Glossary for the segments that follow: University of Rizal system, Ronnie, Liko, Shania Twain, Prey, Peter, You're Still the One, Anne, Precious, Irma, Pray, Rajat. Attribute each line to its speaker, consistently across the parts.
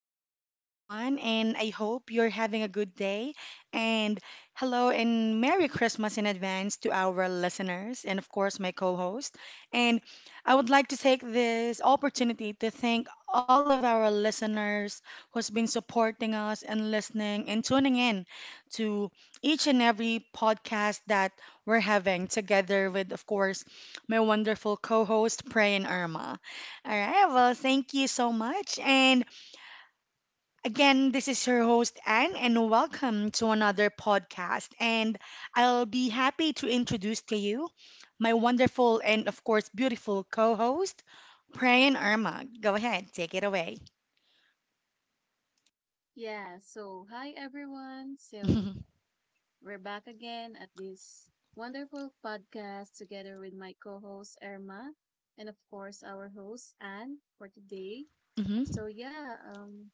Speaker 1: morning, everyone, and I hope you're having a good day. And hello, and Merry Christmas in advance to our listeners, and of course, my co host. And I would like to take this opportunity to thank all of our listeners who's been supporting us and listening and tuning in to each and every podcast that we're having together with, of course, my wonderful co host, Pray and Irma. All right, well, thank you so much. And again, this is your host, Anne, and welcome to another podcast. And I'll be happy to introduce to you my wonderful and, of course, beautiful co host, Prayan Irma. Go ahead, take it away.
Speaker 2: Hi everyone. So
Speaker 1: hmm
Speaker 2: we're back again at this wonderful podcast together with my co host Irma and of course our host Anne for today. So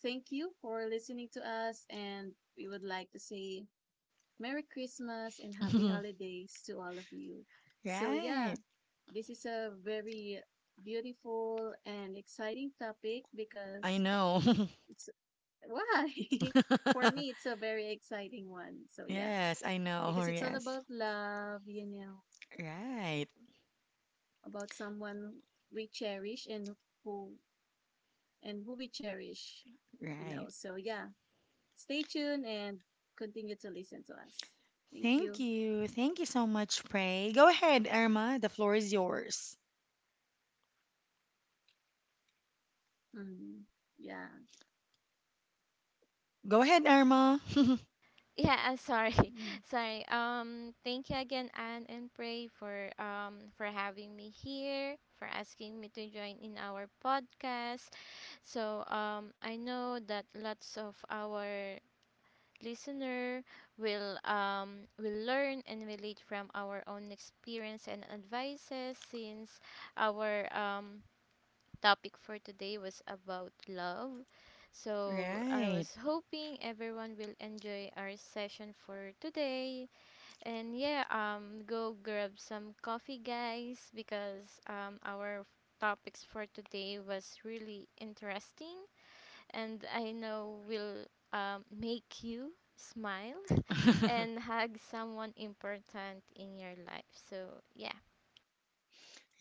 Speaker 2: thank you for listening to us, and we would like to say Merry Christmas and Happy Holidays to all of you. So yeah,
Speaker 1: Right,
Speaker 2: this is a very beautiful and exciting topic
Speaker 1: I
Speaker 2: because
Speaker 1: know.
Speaker 2: it's why? For me, it's a very exciting one. So yeah,
Speaker 1: Yes, I know.
Speaker 2: because it's all
Speaker 1: Yes.
Speaker 2: about love, you know,
Speaker 1: Right,
Speaker 2: about someone we cherish and who who we cherish, you know.
Speaker 1: right.
Speaker 2: So yeah, stay tuned and continue to listen to us. Thank
Speaker 1: Thank
Speaker 2: you.
Speaker 1: you. Thank you so much, Pray. Go ahead, Irma. The floor is yours.
Speaker 2: Mm, yeah.
Speaker 1: Go ahead, Irma.
Speaker 3: Yeah, sorry.
Speaker 2: Mhm.
Speaker 3: Sorry. Thank you again, Anne and Pray, for having me here, for asking me to join in our podcast. So I know that lots of our listener will learn and relate from our own experience and advices since our topic for today was about love. So I
Speaker 1: Right.
Speaker 3: was hoping everyone will enjoy our session for today. And yeah, go grab some coffee, guys, because our topics for today was really interesting, and I know will make you smile and hug someone important in your life. So yeah.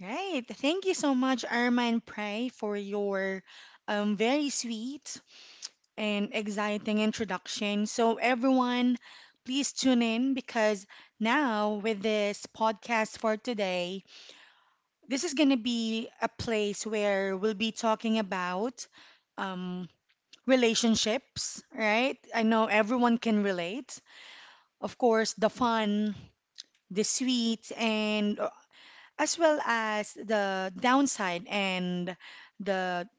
Speaker 1: Right. Thank you so much, Irma and Pray, for your very sweet and exciting introduction. So, everyone, please tune in because now, with this podcast for today, this is going to be a place where we'll be talking about um, relationships, right? I know everyone can relate. Of course, the fun, the sweet, and as well as the downside and the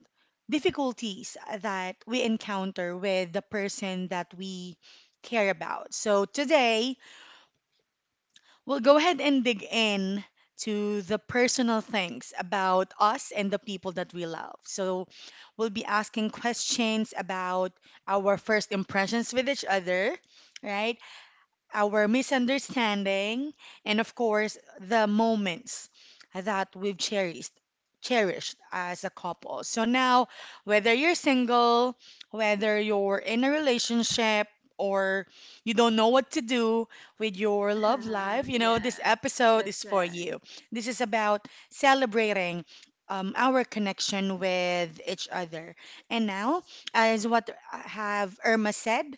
Speaker 1: difficulties that we encounter with the person that we care about. So today, we'll go ahead and dig in to the personal things about us and the people that we love. So we'll be asking questions about our first impressions with each other, right? Our misunderstanding, and of course, the moments that we've cherished as a couple. So now, whether you're single, whether you're in a relationship, or you don't know what to do with your love life, you
Speaker 2: Yeah,
Speaker 1: know, this episode is
Speaker 2: that's
Speaker 1: for
Speaker 2: right.
Speaker 1: you. This is about celebrating our connection with each other. And now, as what have Irma said,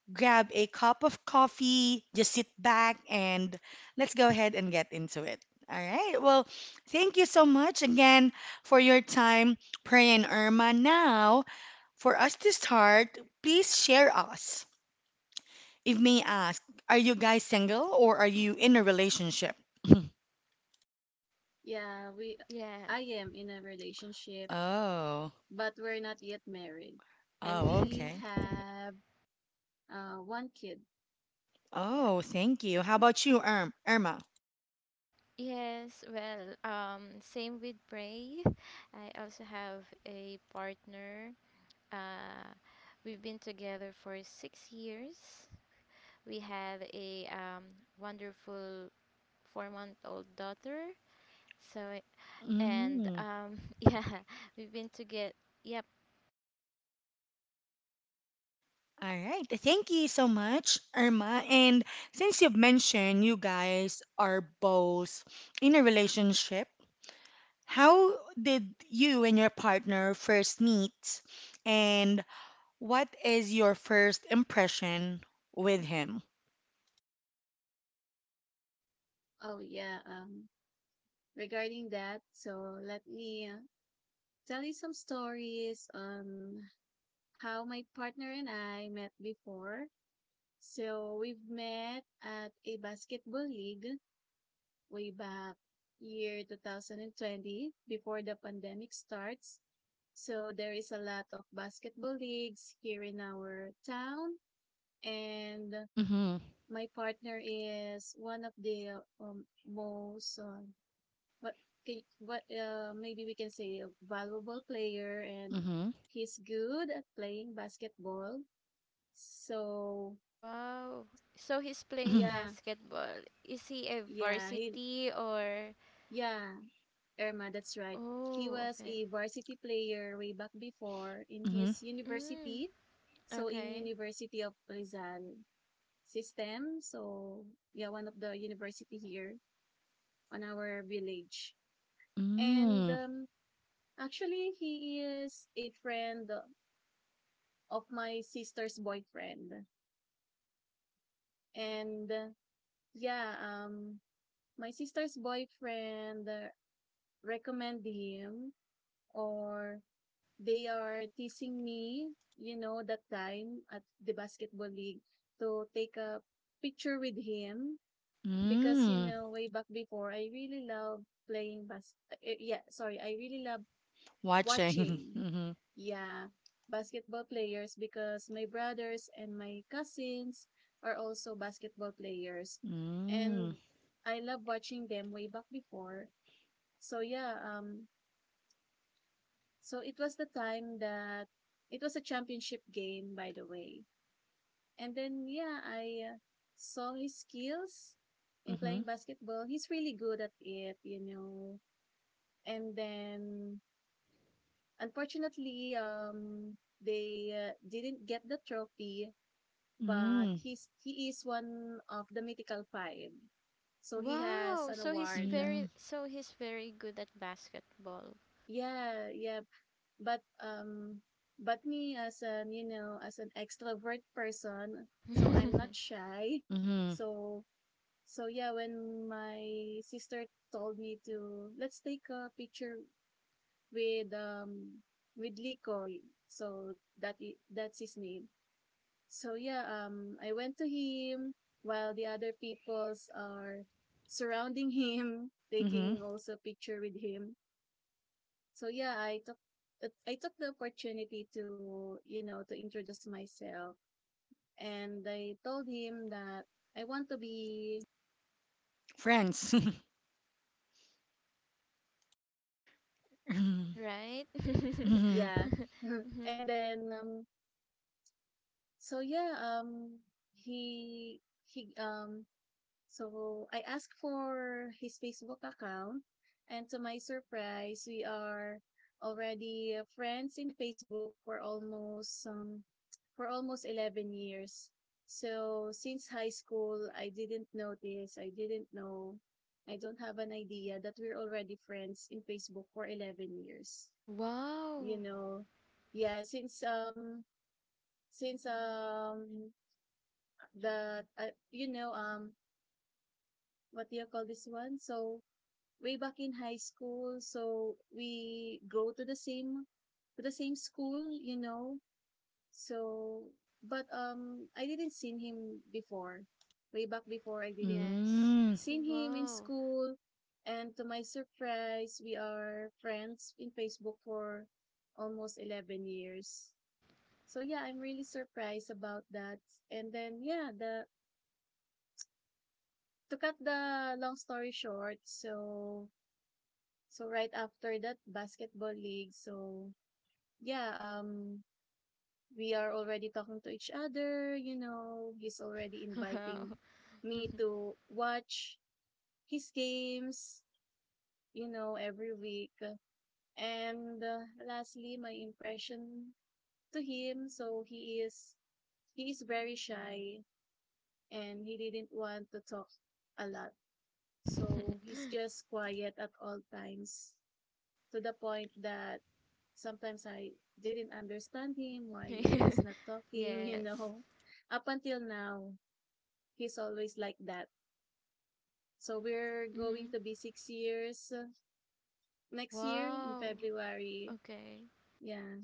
Speaker 1: grab a cup of coffee, just sit back, and let's go ahead and get into it. All right. Well, thank you so much again for your time, Pray and Irma. Now, for us to start, please share us. If may ask, are you guys single or are you in a relationship?
Speaker 2: Yeah, we
Speaker 3: Yeah.
Speaker 2: I am in a relationship,
Speaker 1: Oh,
Speaker 2: but we're not yet married. And
Speaker 1: oh,
Speaker 2: we
Speaker 1: okay.
Speaker 2: have one kid. Yeah.
Speaker 1: Oh, thank you. How about you, Irma?
Speaker 3: Yes, well, same with Bray. I also have a partner. Uh, we've been together for 6 years. We have a wonderful 4-month-old daughter. So, and
Speaker 1: Mm.
Speaker 3: yeah, we've been together. Yep.
Speaker 1: All right. Thank you so much, Irma. And since you've mentioned you guys are both in a relationship, how did you and your partner first meet? And what is your first impression with him?
Speaker 2: Oh regarding that, so let me tell you some stories on how my partner and I met before. So we've met at a basketball league way back year 2020 before the pandemic starts. So there is a lot of basketball leagues here in our town, and
Speaker 1: Mm-hmm.
Speaker 2: my partner is one of the most what ca- what maybe we can say a valuable player, and
Speaker 1: Mm-hmm.
Speaker 2: he's good at playing basketball. So
Speaker 3: Wow. So he's playing
Speaker 2: yeah,
Speaker 3: basketball. Is he a
Speaker 2: yeah, he
Speaker 3: varsity or?
Speaker 2: yeah, Irma, that's right. He
Speaker 3: Oh,
Speaker 2: was
Speaker 3: okay.
Speaker 2: a varsity player way back before in
Speaker 1: Mm-hmm.
Speaker 2: his
Speaker 3: Mm,
Speaker 2: university. So in
Speaker 3: okay.
Speaker 2: University of Rizal system. So yeah, one of the university here on our village. And
Speaker 1: Mm-hmm.
Speaker 2: actually he is a friend of my sister's boyfriend. And yeah, um, my sister's boyfriend recommend him, or they are teasing me, you know, that time at the basketball league to take a picture with him because you
Speaker 1: Mm-hmm.
Speaker 2: know way back before I really love playing bas- yeah, sorry, I really love
Speaker 1: Watching.
Speaker 2: watching. Yeah, basketball players because my brothers and my cousins are also basketball players.
Speaker 1: Mm-hmm.
Speaker 2: And I love watching them way back before. So so it was the time that it was a championship game by the way. And then yeah, I saw his skills in
Speaker 1: mm
Speaker 2: playing basketball. He's really good at it, you know. And then Unfortunately, they didn't get the trophy, but
Speaker 1: Mm-hmm.
Speaker 2: he is one of the mythical five. So he has
Speaker 3: Wow,
Speaker 2: an
Speaker 3: so he's
Speaker 2: award.
Speaker 1: Mm-hmm.
Speaker 3: very so he's very good at basketball.
Speaker 2: Yeah, yeah. But um, but me as an you know as an extrovert person, so I'm not shy.
Speaker 1: Mm-hmm.
Speaker 2: So so yeah, when my sister told me to let's take a picture with with Liko, so that's his name. So I went to him while the other peoples are surrounding him,
Speaker 1: Mm-hmm.
Speaker 2: taking also picture with him. So yeah, I took the opportunity to you know to introduce myself, and I told him that I want to be
Speaker 1: Friends.
Speaker 3: Right?
Speaker 1: Mm-hmm.
Speaker 2: yeah,
Speaker 3: Hmm.
Speaker 2: and then so yeah, um, he he So I asked for his Facebook account, and to my surprise, we are already friends in Facebook for almost 11 years. So since high school, I didn't notice, I didn't know, I don't have an idea that we're already friends in Facebook for 11 years. You
Speaker 3: Wow.
Speaker 2: know, yeah, since the you know what do you call this one? So way back in high school. So we go to the same school, you know. So but I didn't seen him before. Way back before I didn't
Speaker 3: Yes.
Speaker 1: Mm.
Speaker 2: seen him in
Speaker 3: Wow.
Speaker 2: school, and to my surprise we are friends in Facebook for almost 11 years. So yeah, I'm really surprised about that. And then yeah, the to cut the long story short, so so right after that basketball league, so yeah, um we are already talking to each other, you know, he's already inviting
Speaker 3: Wow.
Speaker 2: me to watch his games, you know, every week. And lastly, my impression to him, so he is very shy, and he didn't want to talk a lot. So he's just quiet at all times, to the point that sometimes I didn't understand him, why he is not talking, you
Speaker 3: Yes.
Speaker 2: know. Up until now, he's always like that. So we're going
Speaker 3: Hmm.
Speaker 2: to be 6 years next year in
Speaker 3: Wow.
Speaker 2: February.
Speaker 3: Okay.
Speaker 2: Yeah,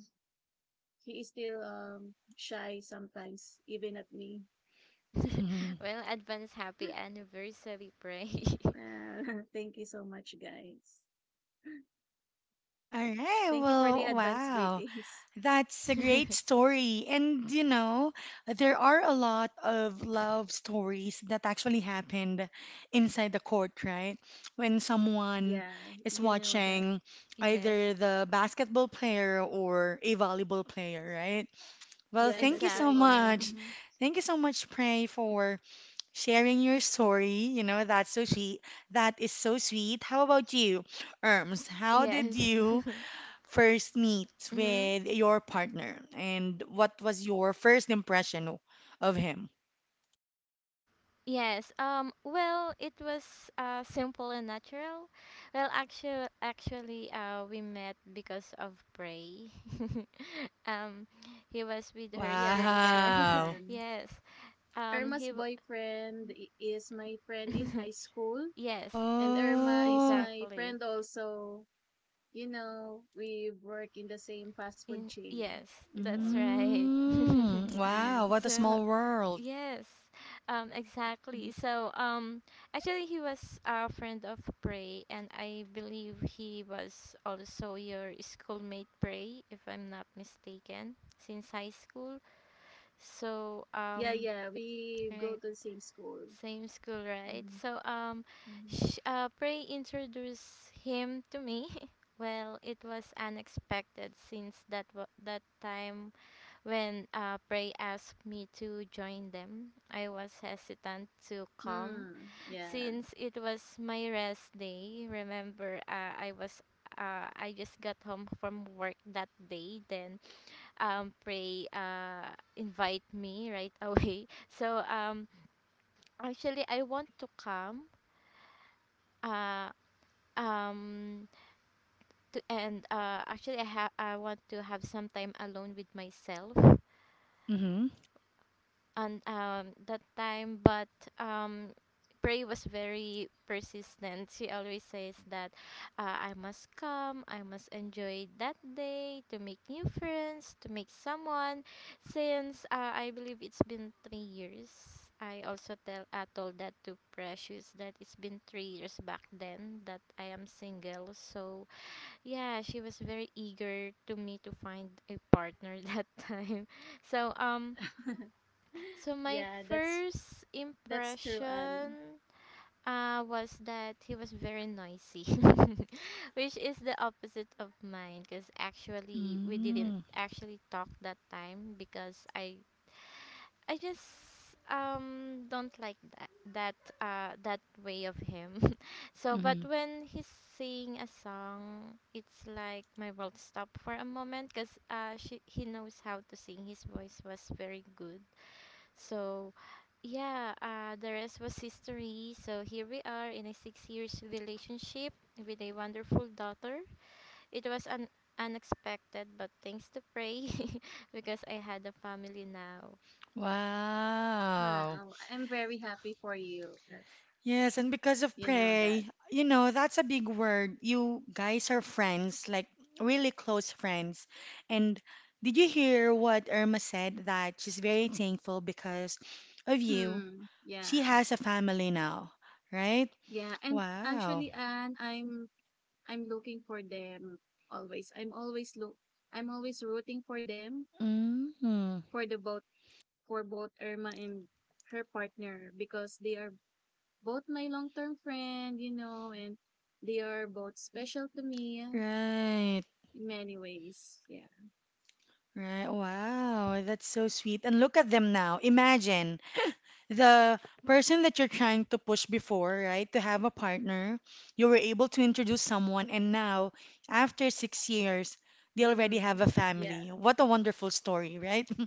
Speaker 2: he is still shy sometimes, even at me.
Speaker 1: All
Speaker 3: Well, advance happy anniversary, Pray.
Speaker 2: Thank you so much, guys.
Speaker 1: right.
Speaker 2: Thank you for
Speaker 1: Well,
Speaker 2: the advance
Speaker 1: wow.
Speaker 2: greetings.
Speaker 1: That's a great story. And you know, there are a lot of love stories that actually happened inside the court, right? When someone
Speaker 2: Yeah,
Speaker 1: is
Speaker 2: you know that.
Speaker 1: watching
Speaker 3: Yes.
Speaker 1: either the basketball player or a volleyball player, right? Well,
Speaker 2: Yeah,
Speaker 1: thank you
Speaker 2: that's
Speaker 1: so
Speaker 2: right.
Speaker 3: Exactly.
Speaker 1: much.
Speaker 2: And
Speaker 3: Hmm.
Speaker 1: Thank you so much, Prey, for sharing your story. You know, that's so sweet. That is so sweet. How about you, Erms? How did
Speaker 3: Yes.
Speaker 1: you first meet
Speaker 3: Mhm.
Speaker 1: with your partner, and what was your first impression of him?
Speaker 3: Yes. Well, it was simple and natural. Well, actually, we met because of Prey. um, he was with her
Speaker 2: yeah, that's
Speaker 3: circle.
Speaker 2: right.
Speaker 1: Wow.
Speaker 2: And
Speaker 3: Yes. Um.
Speaker 2: Irma's
Speaker 3: He. W-
Speaker 2: boyfriend i- is my friend in high school,
Speaker 3: yes.
Speaker 2: and Irma is
Speaker 1: Oh.
Speaker 2: my
Speaker 3: Exactly.
Speaker 2: friend also. You know, we work in the same fast food chain
Speaker 3: Yes,
Speaker 2: before.
Speaker 3: that's right.
Speaker 1: Mm. Wow.
Speaker 2: Hmm
Speaker 1: What a
Speaker 3: So,
Speaker 1: small world.
Speaker 3: yes, um,
Speaker 2: Mhm.
Speaker 3: exactly. So, um, actually, he was a friend of Prey, and I believe he was also your schoolmate, Prey, if I'm not mistaken, since high school. So,
Speaker 2: Yeah, yeah, we go
Speaker 3: right,
Speaker 2: to the same school.
Speaker 3: same school, right?
Speaker 2: Hmm
Speaker 3: So,
Speaker 2: hmm
Speaker 3: sh Prey introduced him to me. Well, it was unexpected since that time when Prey asked me to join them. I was hesitant to come
Speaker 2: Mm, yeah.
Speaker 3: since it was my rest day. Remember, I just got home from work that day. Then Prey invite me right away. So actually, I want to come. Uh, um, to, and actually, I want to have some time alone with myself
Speaker 1: Mm-hmm.
Speaker 3: on that time, but um Prey was very persistent. She always says that I must come, I must enjoy that day to make new friends, to make someone. Since I believe it's been 3 years, I also tell I told that to Precious that it's been 3 years back then that I am single. So yeah, she was very eager to me to find a partner that time. So um so my
Speaker 2: Yeah,
Speaker 3: first
Speaker 2: that's true, Anne.
Speaker 3: impression was that he was very noisy, which is the opposite of mine. Because actually, we didn't
Speaker 1: Mm.
Speaker 3: actually talk that time because I just don't like that way of him. So, but
Speaker 1: Mm-hmm.
Speaker 3: when he's singing a song, it's like my world stopped for a moment because he knows how to sing. His voice was very good, so yeah, the rest was history. So here we are in a 6 years relationship with a wonderful daughter. It was unexpected, but thanks to Pray, because I had a family now.
Speaker 1: Wow.
Speaker 2: Wow, I'm very happy for you.
Speaker 1: Yes, and because of
Speaker 2: You know that.
Speaker 1: pray, you know, that's a big word. You guys are friends, like really close friends. And did you hear what Irma said? That she's very thankful because of you.
Speaker 2: Mm,
Speaker 1: She
Speaker 2: yeah.
Speaker 1: has a family now, right?
Speaker 2: Yeah, and
Speaker 1: Wow.
Speaker 2: actually, Anne, I'm looking for them always. I'm always rooting for them
Speaker 1: Mm-hmm.
Speaker 2: for the both for both Irma and her partner because they are both my long-term friend, you know, and they are both special to me in
Speaker 1: Right.
Speaker 2: many ways. Yeah.
Speaker 1: Right. Wow. That's so sweet. And look at them now. Imagine the person that you're trying to push before, right, to have a partner, you were able to introduce someone, and now, after 6 years, they already
Speaker 2: hmm
Speaker 1: have a
Speaker 2: Yeah,
Speaker 1: family. What a wonderful story, right?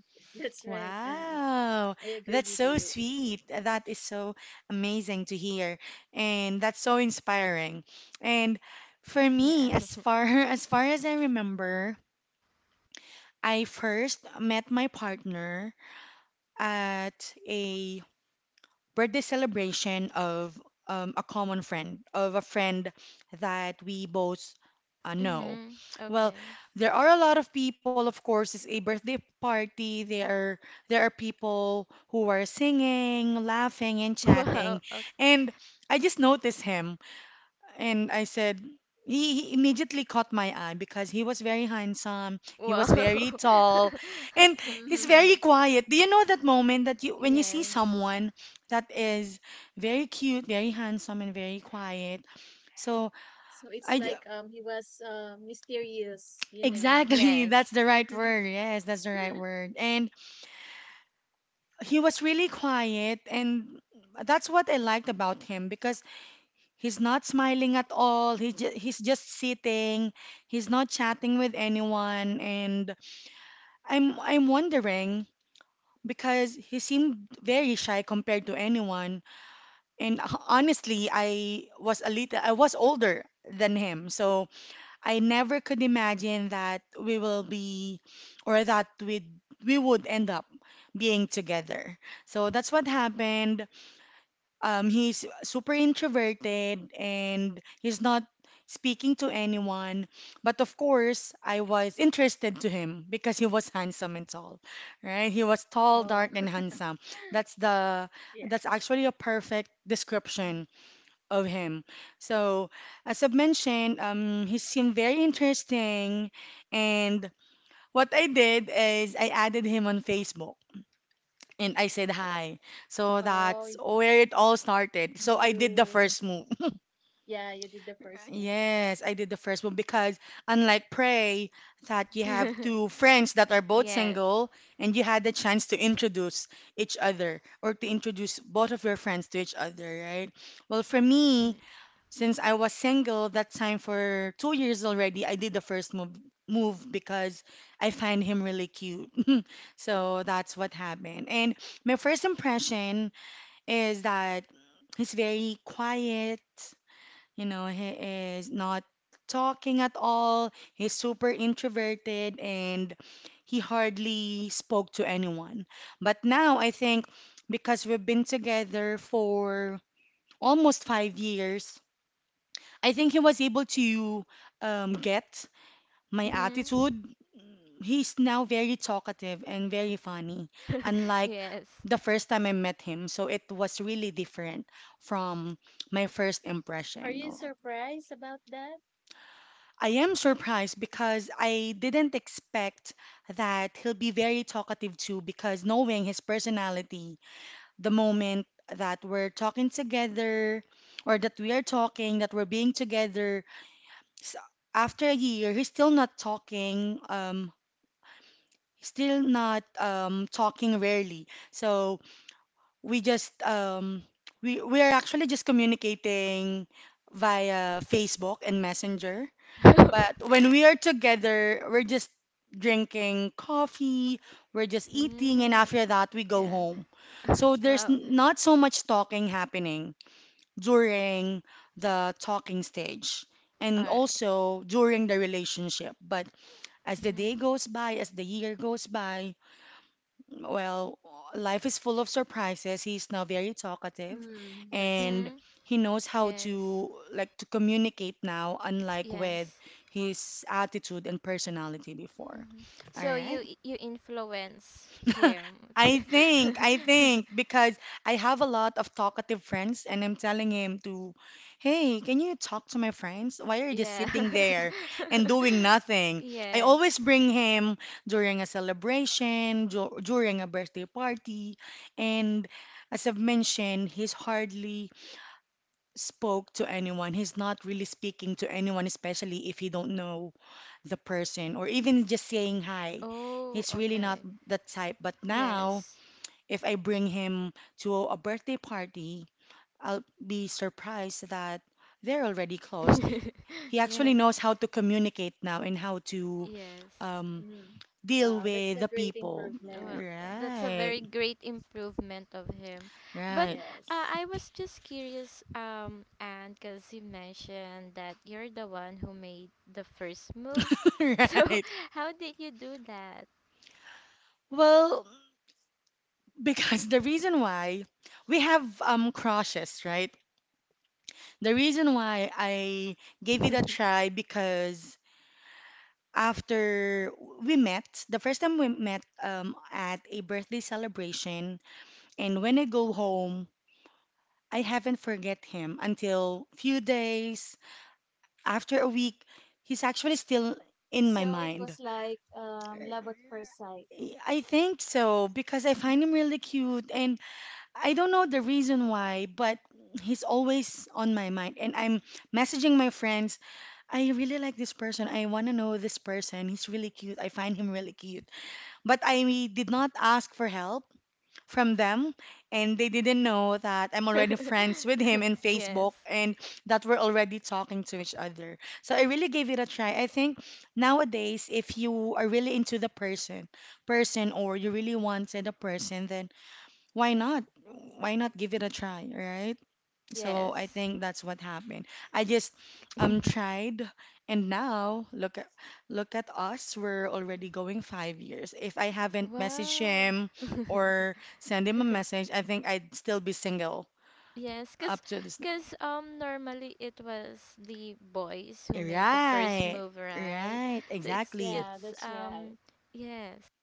Speaker 2: that's right. And
Speaker 1: Wow,
Speaker 2: I agree
Speaker 1: that's
Speaker 2: with
Speaker 1: so
Speaker 2: you.
Speaker 1: sweet. That is so amazing to hear, and that's so inspiring. And for
Speaker 3: Yeah.
Speaker 1: me, as far as far as I remember, I first met my partner at a birthday celebration of a common friend, of a friend that we both know.
Speaker 3: Mhm.
Speaker 1: Well,
Speaker 3: Okay.
Speaker 1: there are a lot of people, of course, it's a birthday party. There are people who are singing, laughing, and
Speaker 3: Wow.
Speaker 1: chatting.
Speaker 3: Okay.
Speaker 1: And I just noticed him and I said, he immediately caught my eye because he was very handsome, he was very
Speaker 3: Wow.
Speaker 1: tall, and
Speaker 3: Okay.
Speaker 1: he's very
Speaker 2: Mhm.
Speaker 1: quiet. Do you know that moment that you when you see
Speaker 3: Yes.
Speaker 1: someone that is very cute, very handsome, and very quiet? So
Speaker 2: So
Speaker 1: I
Speaker 2: it's
Speaker 1: j-
Speaker 2: like he was mysterious, you know.
Speaker 1: exactly, that's
Speaker 3: Yes.
Speaker 1: the right word. Yes, that's the right word. And he was really quiet, and that's what I liked about him because he's not smiling at all. He's just sitting. He's not chatting with anyone. And I'm wondering because he seemed very shy compared to anyone. And honestly, I was older than him. So I never could imagine that we will be or that we would end up being together. So that's what happened. He's super introverted and he's not speaking to anyone. But of course, I was interested to him because he was handsome and tall, right? He was tall,
Speaker 2: Oh,
Speaker 1: dark, and handsome. That's the
Speaker 2: yeah.
Speaker 1: that's actually a perfect description of him. So, as I've mentioned, he seemed very interesting, and what I did is I added him on Facebook and I said hi. So
Speaker 2: Oh,
Speaker 1: that's where it all started. So I did the
Speaker 2: you
Speaker 1: first move.
Speaker 2: yeah, you did the personal.
Speaker 1: Yes, I did the first move because unlike Prey, that you have two friends that are both
Speaker 3: Yes.
Speaker 1: single and you had the chance to introduce each other or to introduce both of your friends to each other, right? Well, for me,
Speaker 3: Mhm.
Speaker 1: since I was single that time for 2 years already, I did the first move because I find him really cute. So that's what happened. And my first impression is that he's very quiet. You know, he is not talking at all. He's super introverted and he hardly spoke to anyone. But now I think because we've been together for almost 5 years, I think he was able to get my attitude. He's now very talkative and very funny,
Speaker 3: Mhm.
Speaker 1: unlike
Speaker 3: Yes.
Speaker 1: the first time I met him. So it was really different from my first
Speaker 2: Are
Speaker 1: impression.
Speaker 2: you surprised about that?
Speaker 1: I am surprised because I didn't expect that he'll be very talkative too, because knowing his personality, the moment that we're talking together or that we are talking, that we're being together, s- after a year he's still not talking rarely. So we just we are actually just communicating via Facebook and Messenger, but when we are together we're just drinking coffee, we're just eating and
Speaker 3: Mm.
Speaker 1: after that we go
Speaker 3: Yeah.
Speaker 1: home. So there's
Speaker 3: Wow.
Speaker 1: not so much talking happening during the talking stage
Speaker 3: All
Speaker 1: and
Speaker 3: right.
Speaker 1: also during the relationship. But as the
Speaker 3: Mhm.
Speaker 1: day goes by, as the year goes by, well, life is full of surprises. He's now very talkative
Speaker 2: Hmm, that's right.
Speaker 1: and
Speaker 3: Mhm.
Speaker 1: he knows how
Speaker 3: Yes.
Speaker 1: to like to communicate now, unlike with
Speaker 3: Yes.
Speaker 1: his attitude and personality before.
Speaker 3: Mhm.
Speaker 1: All
Speaker 3: So
Speaker 1: right.
Speaker 3: you influence him.
Speaker 1: I think, because I have a lot of talkative friends, and I'm telling him to, hey, can you talk to my friends? Why are you just
Speaker 3: Yeah.
Speaker 1: sitting there and doing nothing? I always
Speaker 3: Yes.
Speaker 1: bring him during a celebration, during a birthday party, and as I've mentioned, he's hardly spoke to anyone. He's not really speaking to anyone, especially if he don't know the person or even just saying hi.
Speaker 3: Oh,
Speaker 1: He's really not
Speaker 3: okay.
Speaker 1: that type. But now,
Speaker 3: Yes.
Speaker 1: if I bring him to a birthday party, I'll be surprised that they're already close. He actually
Speaker 3: Yes.
Speaker 1: knows how to communicate now and how to
Speaker 3: Yes.
Speaker 1: um,
Speaker 2: Hmm.
Speaker 1: deal
Speaker 2: Wow, that's
Speaker 1: with
Speaker 2: a
Speaker 1: the
Speaker 2: great
Speaker 1: people.
Speaker 2: improvement.
Speaker 3: Well, that's a
Speaker 1: Right,
Speaker 3: very great improvement of him. But
Speaker 1: right,
Speaker 2: Yes.
Speaker 3: I was just curious, and because you mentioned that you're the one who made the first move. So,
Speaker 1: right.
Speaker 3: how did you do that?
Speaker 1: Well, because the reason why we have crushes, right? The reason why I gave it a try because after we met, the first time we met, at a birthday celebration, and when I go home, I haven't forget him until few days, after a week, he's actually still in my
Speaker 2: So it was
Speaker 1: mind.
Speaker 2: like love at first sight.
Speaker 1: I think so because I find him really cute and I don't know the reason why, but he's always on my mind and I'm messaging my friends, I really like this person. I want to know this person. He's really cute. I find him really cute. But I did not ask for help from them and they didn't know that I'm already friends with him in Facebook
Speaker 3: Yes.
Speaker 1: and that we're already talking to each other. So I really gave it a try. I think nowadays if you are really into the person or you really wanted a person, then why not? Why not give it a try, right? So I
Speaker 3: Yes.
Speaker 1: think that's what happened. I just tried and now look at us. We're already going 5 years. If I haven't messaged
Speaker 3: Wow.
Speaker 1: him or send him a message, I think I'd still be single
Speaker 3: Yes,
Speaker 1: up
Speaker 3: cause,
Speaker 1: to this now.
Speaker 3: cause normally it was the boys who made the first
Speaker 1: Right.
Speaker 3: move, right?
Speaker 1: Right.
Speaker 3: So it's
Speaker 1: Exactly.
Speaker 2: Yeah,
Speaker 3: it's
Speaker 2: that's right.
Speaker 3: um yes,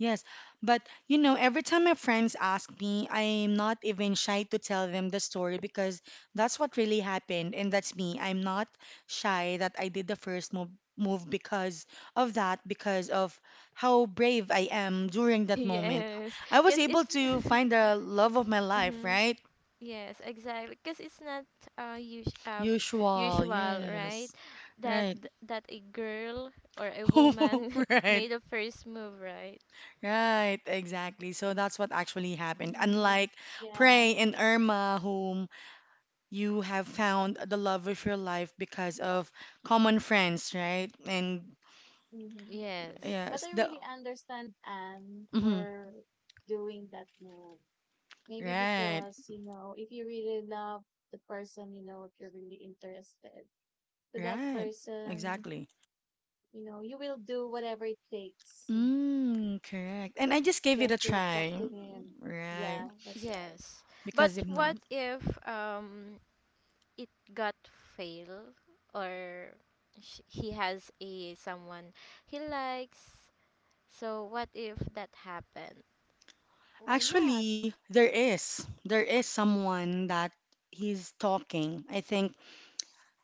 Speaker 1: Yes, but every time my friends ask me, I'm not even shy to tell them the story because that's what really happened, and that's me. I'm not shy that I did the first move because of that, because of how brave I am during that moment.
Speaker 3: yes,
Speaker 1: I was
Speaker 3: cause
Speaker 1: able
Speaker 3: it's
Speaker 1: to find the love of my life,
Speaker 3: mm-hmm.
Speaker 1: right?
Speaker 3: Yes, exactly, cause it's not uh, us- uh
Speaker 1: Usual,
Speaker 3: usual, right?
Speaker 1: yes. Right.
Speaker 3: That a girl or a woman
Speaker 1: Right.
Speaker 3: made the first move, right?
Speaker 1: Right, exactly. So that's what actually happened.
Speaker 2: Mm-hmm.
Speaker 1: Unlike
Speaker 2: Yeah.
Speaker 1: Prey and Irma, who you have found the love of your life because of common friends, right? And
Speaker 2: Mm-hmm.
Speaker 3: Yes,
Speaker 2: But
Speaker 1: yes,
Speaker 2: I
Speaker 1: the
Speaker 2: really understand Anne
Speaker 1: mhm,
Speaker 2: for doing that move. Maybe
Speaker 1: right,
Speaker 2: because, you know, if you really love the person, you know, if you're really interested to that
Speaker 1: right,
Speaker 2: person,
Speaker 1: exactly.
Speaker 2: you know, you will do whatever it takes
Speaker 1: Mm, correct. And I just gave it a
Speaker 2: just to talk
Speaker 1: try,
Speaker 2: to him.
Speaker 1: right?
Speaker 2: Yeah, that's right.
Speaker 3: yes. But
Speaker 1: Because if not,
Speaker 3: what if um it got fail, or he has a someone he likes. So what if that happened?
Speaker 2: Why not?
Speaker 1: actually, there is someone that he's talking. I think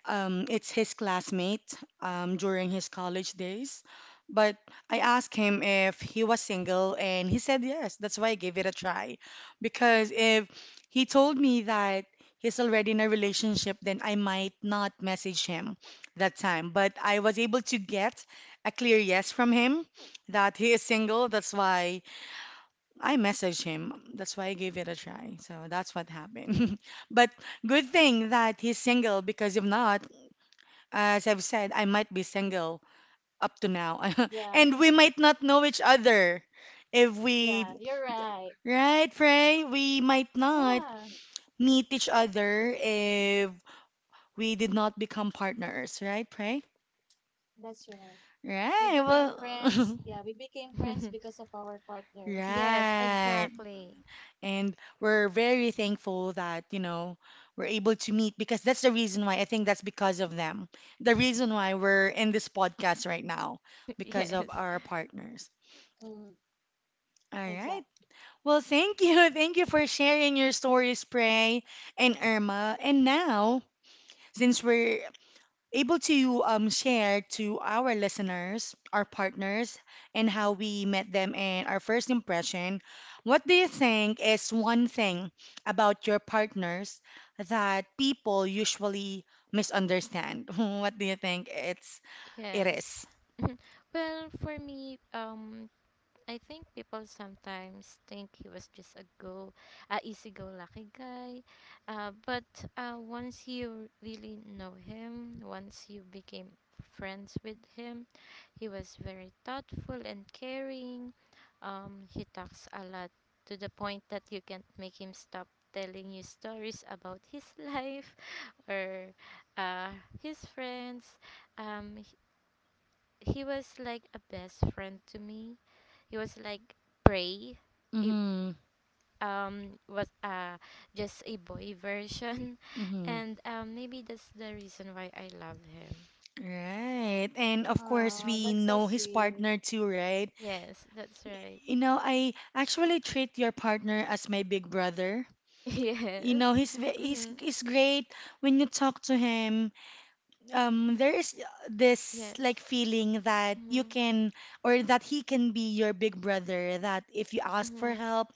Speaker 1: It's his classmate during his college days. But I asked him if he was single, and he said yes. That's why I gave it a try. Because if he told me that he's already in a relationship, then I might not message him that time. But I was able to get a clear yes from him that he is single. That's why I messaged him. That's why I gave it a try. So that's what happened. But good thing that he's single because if not, as I've said, I might be single up to now.
Speaker 2: Yeah,
Speaker 1: And we might not know each other. If
Speaker 2: yeah,
Speaker 1: we,
Speaker 2: you're right.
Speaker 1: right, Frey, we might not
Speaker 2: Yeah,
Speaker 1: meet each other if we did not become partners, right, Frey?
Speaker 2: that's right. We
Speaker 1: Right,
Speaker 2: became friends.
Speaker 1: well,
Speaker 2: Yeah, we became friends because of our partners.
Speaker 3: Yes,
Speaker 1: right.
Speaker 2: Mhm.
Speaker 3: exactly.
Speaker 1: And we're very thankful that, we're able to meet because that's the reason why I think that's because of them. The reason why we're in this podcast right now because of
Speaker 3: Yes.
Speaker 1: our partners.
Speaker 2: Mm,
Speaker 1: All right.
Speaker 2: exact.
Speaker 1: Well, thank you. Thank you for sharing your stories, Pray and Irma. And now, since we're able to share to our listeners, our partners, and how we met them and our first impression, what do you think is one thing about your partners that people usually misunderstand? What do you think it's it
Speaker 3: Yes.
Speaker 1: is?
Speaker 3: Well, for me, I think people sometimes think he was just a easy-go-lucky guy, but once you really know him, once you became friends with him, he was very thoughtful and caring. He talks a lot, to the point that you can't make him stop telling you stories about his life or uh, his friends. Um, he was like a best friend to me. He was like Prey. It
Speaker 1: Mm-hmm.
Speaker 3: was just a boy version,
Speaker 1: Mm-hmm.
Speaker 3: and maybe that's the reason why I love him.
Speaker 1: Right. And of course, we
Speaker 2: That's so
Speaker 1: know his
Speaker 2: sweet.
Speaker 1: partner too, right?
Speaker 3: Yes, that's right.
Speaker 1: You know, I actually treat your partner as my big brother. You
Speaker 3: Yes.
Speaker 1: know, he's ve-
Speaker 3: Mhm.
Speaker 1: he's great when you talk to him. There is this like
Speaker 3: Yes.
Speaker 1: feeling that you
Speaker 3: Mhm.
Speaker 1: can or that he can be your big brother. That if you ask for
Speaker 3: Mhm.
Speaker 1: help,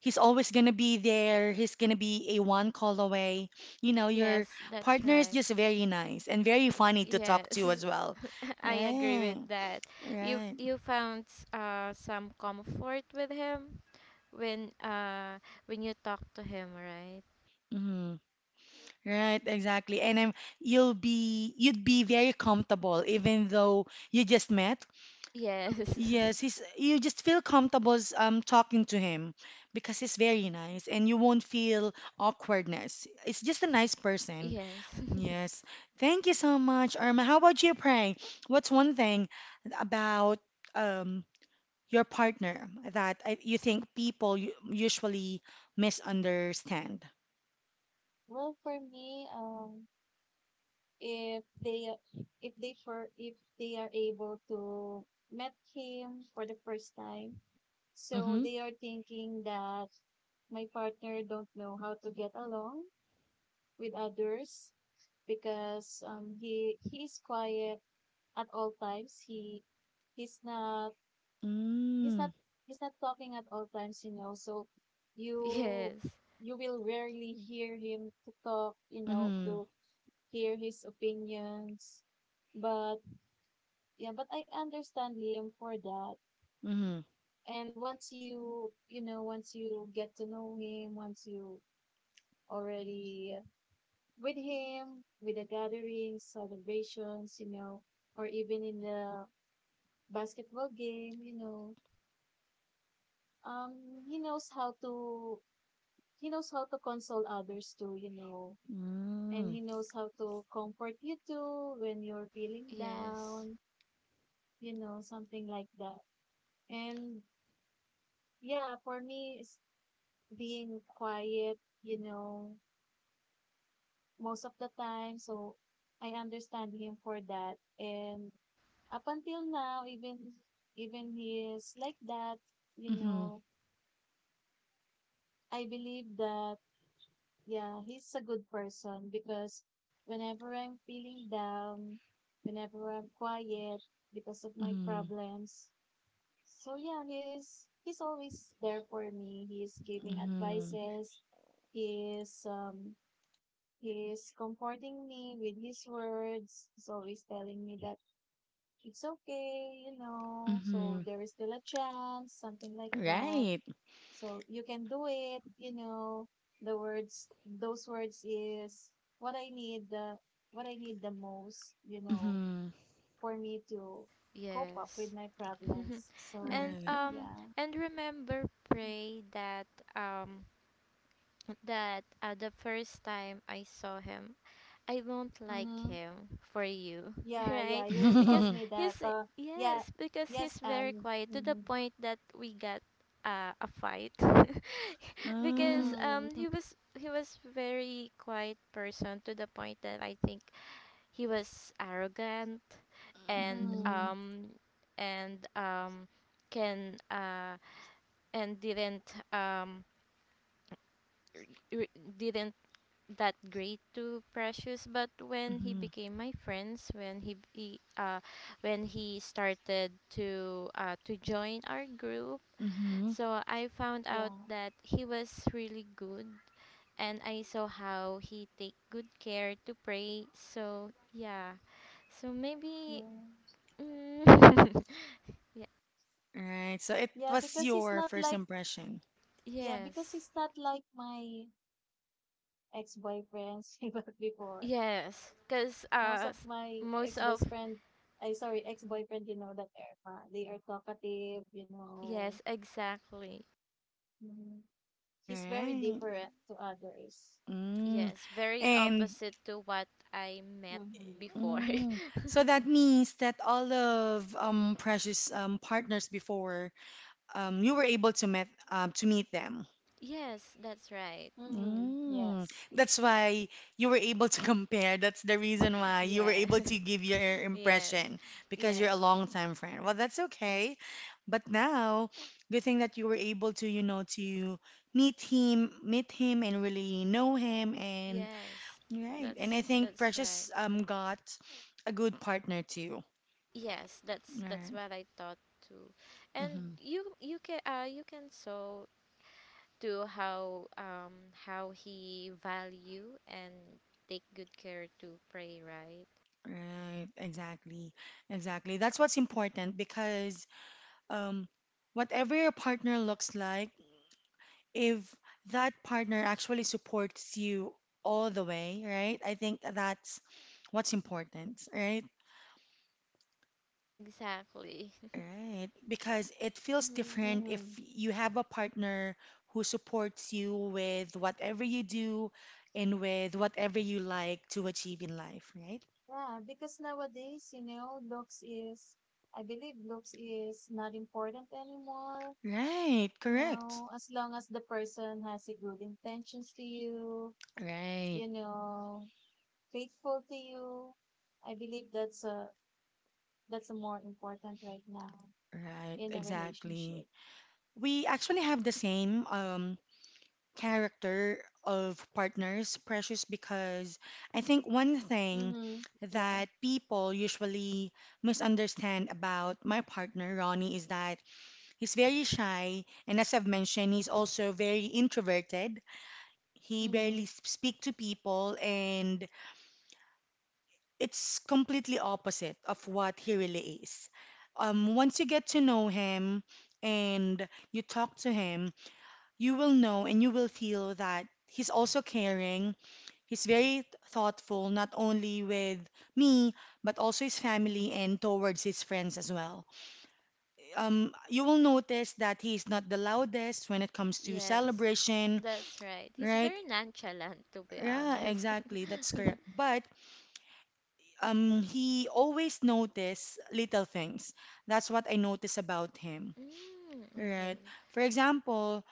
Speaker 1: he's always gonna be there. He's gonna be a one call away. You know, your
Speaker 3: Yes, that's
Speaker 1: partner is
Speaker 3: right.
Speaker 1: just very nice and very funny to talk
Speaker 3: Yes,
Speaker 1: to as well.
Speaker 3: I agree
Speaker 1: Right,
Speaker 3: with that.
Speaker 1: right.
Speaker 3: You found some comfort with him when uh when you talk to him, right?
Speaker 1: Mhm. Right, exactly. And I'm, you'd be very comfortable even though you just met.
Speaker 3: Yes.
Speaker 1: Yes, he's you just feel comfortable talking to him because he's very nice and you won't feel awkwardness. It's just a nice person.
Speaker 3: Yes.
Speaker 1: Yes. Thank you so much, Irma. How about you, Pray? What's one thing about um your partner that you think people usually misunderstand?
Speaker 2: Well, for me, if they if they are able to met him for the first time, so
Speaker 1: Mm-hmm.
Speaker 2: they are thinking that my partner don't know how to get along with others because he is quiet at all times. He's not he's
Speaker 1: Mm-hmm.
Speaker 2: not he's not talking at all times, you know. So you
Speaker 3: Yes.
Speaker 2: you will rarely hear him to talk, you know, to hear his opinions. But yeah, but I understand him for that.
Speaker 1: Mm-hmm.
Speaker 2: And once you, you know, once you get to know him, once you already with him, with the gatherings, celebrations, you know, or even in the basketball game, you know. Um, he knows how to he knows how to console others too, you know, and
Speaker 1: Mm.
Speaker 2: he knows how to comfort you too when you're feeling
Speaker 3: Yes.
Speaker 2: down, you know, something like that. And yeah, for me, it's being quiet, you know, most of the time. So I understand him for that. And up until now, even he is like that, you
Speaker 1: Mm-hmm.
Speaker 2: know, I believe that yeah, he's a good person because whenever I'm feeling down, whenever I'm quiet because of my
Speaker 1: Mm-hmm.
Speaker 2: problems. So yeah, he's always there for me. He's giving
Speaker 1: Mm-hmm.
Speaker 2: advices. He is um He's comforting me with his words. He's always telling me that it's okay, you know. So
Speaker 1: Mm-hmm.
Speaker 2: there is still a chance, something like that.
Speaker 1: Right.
Speaker 2: So you can do it, you know. The words, those words is what I need the what I need the most, you know,
Speaker 1: Mm-hmm.
Speaker 2: for me to cope up with
Speaker 3: Yes.
Speaker 2: my problems. So
Speaker 3: And
Speaker 1: Right.
Speaker 2: yeah.
Speaker 3: remember, Pray, that um the first time I saw him, I won't like
Speaker 2: Mm-hmm.
Speaker 3: him for you,
Speaker 2: Yeah, yeah.
Speaker 3: right?
Speaker 2: You
Speaker 3: Because
Speaker 2: told me that.
Speaker 3: he's
Speaker 2: Yeah.
Speaker 3: yes, because he's
Speaker 2: Yes,
Speaker 3: very
Speaker 2: and
Speaker 3: quiet to the
Speaker 2: mm-hmm.
Speaker 3: point that we got a fight.
Speaker 1: Mm-hmm.
Speaker 3: Because
Speaker 2: Mm-hmm.
Speaker 3: he was very quiet person to the point that I think he was arrogant, and
Speaker 1: Mm-hmm.
Speaker 3: um and can and didn't r- didn't that great to Precious. But when he
Speaker 1: Mm-hmm.
Speaker 3: became my friends, when he when he started to join our group,
Speaker 1: Mm-hmm.
Speaker 3: so I found out
Speaker 2: Yeah.
Speaker 3: that he was really good, and I saw how he take good care to Pray. So yeah, so maybe
Speaker 2: Mm.
Speaker 3: Mm. Ye-
Speaker 1: Right. So it
Speaker 2: Yeah,
Speaker 1: was
Speaker 2: because he's
Speaker 1: your
Speaker 2: not
Speaker 1: first
Speaker 2: like
Speaker 1: impression.
Speaker 2: yeah, because
Speaker 3: yes.
Speaker 2: he's not like my ex-boyfriends he was before.
Speaker 3: Yes. Because
Speaker 2: Most of my
Speaker 3: most of.
Speaker 2: ex-best friend, I sorry, ex-boyfriend, you know that Irma, they are talkative, you know.
Speaker 3: Yes, exactly.
Speaker 2: Mm. He's very
Speaker 1: Right.
Speaker 2: different to others.
Speaker 1: Mm.
Speaker 3: Yes, very
Speaker 1: And
Speaker 3: opposite to what I met
Speaker 2: Mm-hmm.
Speaker 3: before.
Speaker 1: mm. So that means that all of Precious partners before you were able to met to meet them.
Speaker 3: Yes, that's right.
Speaker 2: Mm-hmm.
Speaker 1: Mm,
Speaker 2: Yes.
Speaker 1: that's why you were able to compare. That's the reason why you were
Speaker 3: Yes.
Speaker 1: able to give your
Speaker 3: Yes.
Speaker 1: impression because you're
Speaker 3: Yes.
Speaker 1: a long-time friend. Well, that's okay. But now, good thing that you were able to, to meet him and really know him and
Speaker 3: Yes.
Speaker 1: right. And I
Speaker 3: That's
Speaker 1: think
Speaker 3: that's
Speaker 1: Precious
Speaker 3: right.
Speaker 1: got a good partner too.
Speaker 3: Yes, that's
Speaker 1: Right.
Speaker 3: what I thought too. And
Speaker 1: Mm-hmm.
Speaker 3: you can you can sew to how he value and take good care to Pray, right?
Speaker 1: Right. Exactly. Exactly. That's what's important because um whatever your partner looks like, if that partner actually supports you all the way, right? I think that's what's important, right?
Speaker 3: Exactly.
Speaker 1: Right. Because it feels
Speaker 3: Hmm.
Speaker 1: different if
Speaker 2: Mm-hmm.
Speaker 1: you have a partner who supports you with whatever you do and with whatever you like to achieve in life, right?
Speaker 2: Yeah, because nowadays, you know, I believe looks is not important anymore.
Speaker 1: Right,
Speaker 2: You
Speaker 1: correct.
Speaker 2: know, as long as the person has a good intentions to you,
Speaker 1: Right,
Speaker 2: you know, faithful to you, I believe that's a more important right now
Speaker 1: right,
Speaker 2: in a
Speaker 1: exactly.
Speaker 2: relationship.
Speaker 1: We actually have the same character of partners, Precious, because I think one thing
Speaker 2: Mhm. Yeah.
Speaker 1: that people usually misunderstand about my partner, Ronnie, is that he's very shy. And as I've mentioned, he's also very introverted. He barely
Speaker 2: Mhm.
Speaker 1: speak to people, and it's completely opposite of what he really is. Once you get to know him and you talk to him, you will know and you will feel that he's also caring. He's very thoughtful, not only with me, but also his family and towards his friends as well. You will notice that he's not the loudest when it comes to
Speaker 3: Yes,
Speaker 1: celebration,
Speaker 3: that's right. He's
Speaker 1: right?
Speaker 3: very nonchalant, to be
Speaker 1: Yeah,
Speaker 3: honest.
Speaker 1: exactly. That's correct. But he always notice little things. That's what I notice about him,
Speaker 3: Mm,
Speaker 1: right?
Speaker 3: okay.
Speaker 1: For example,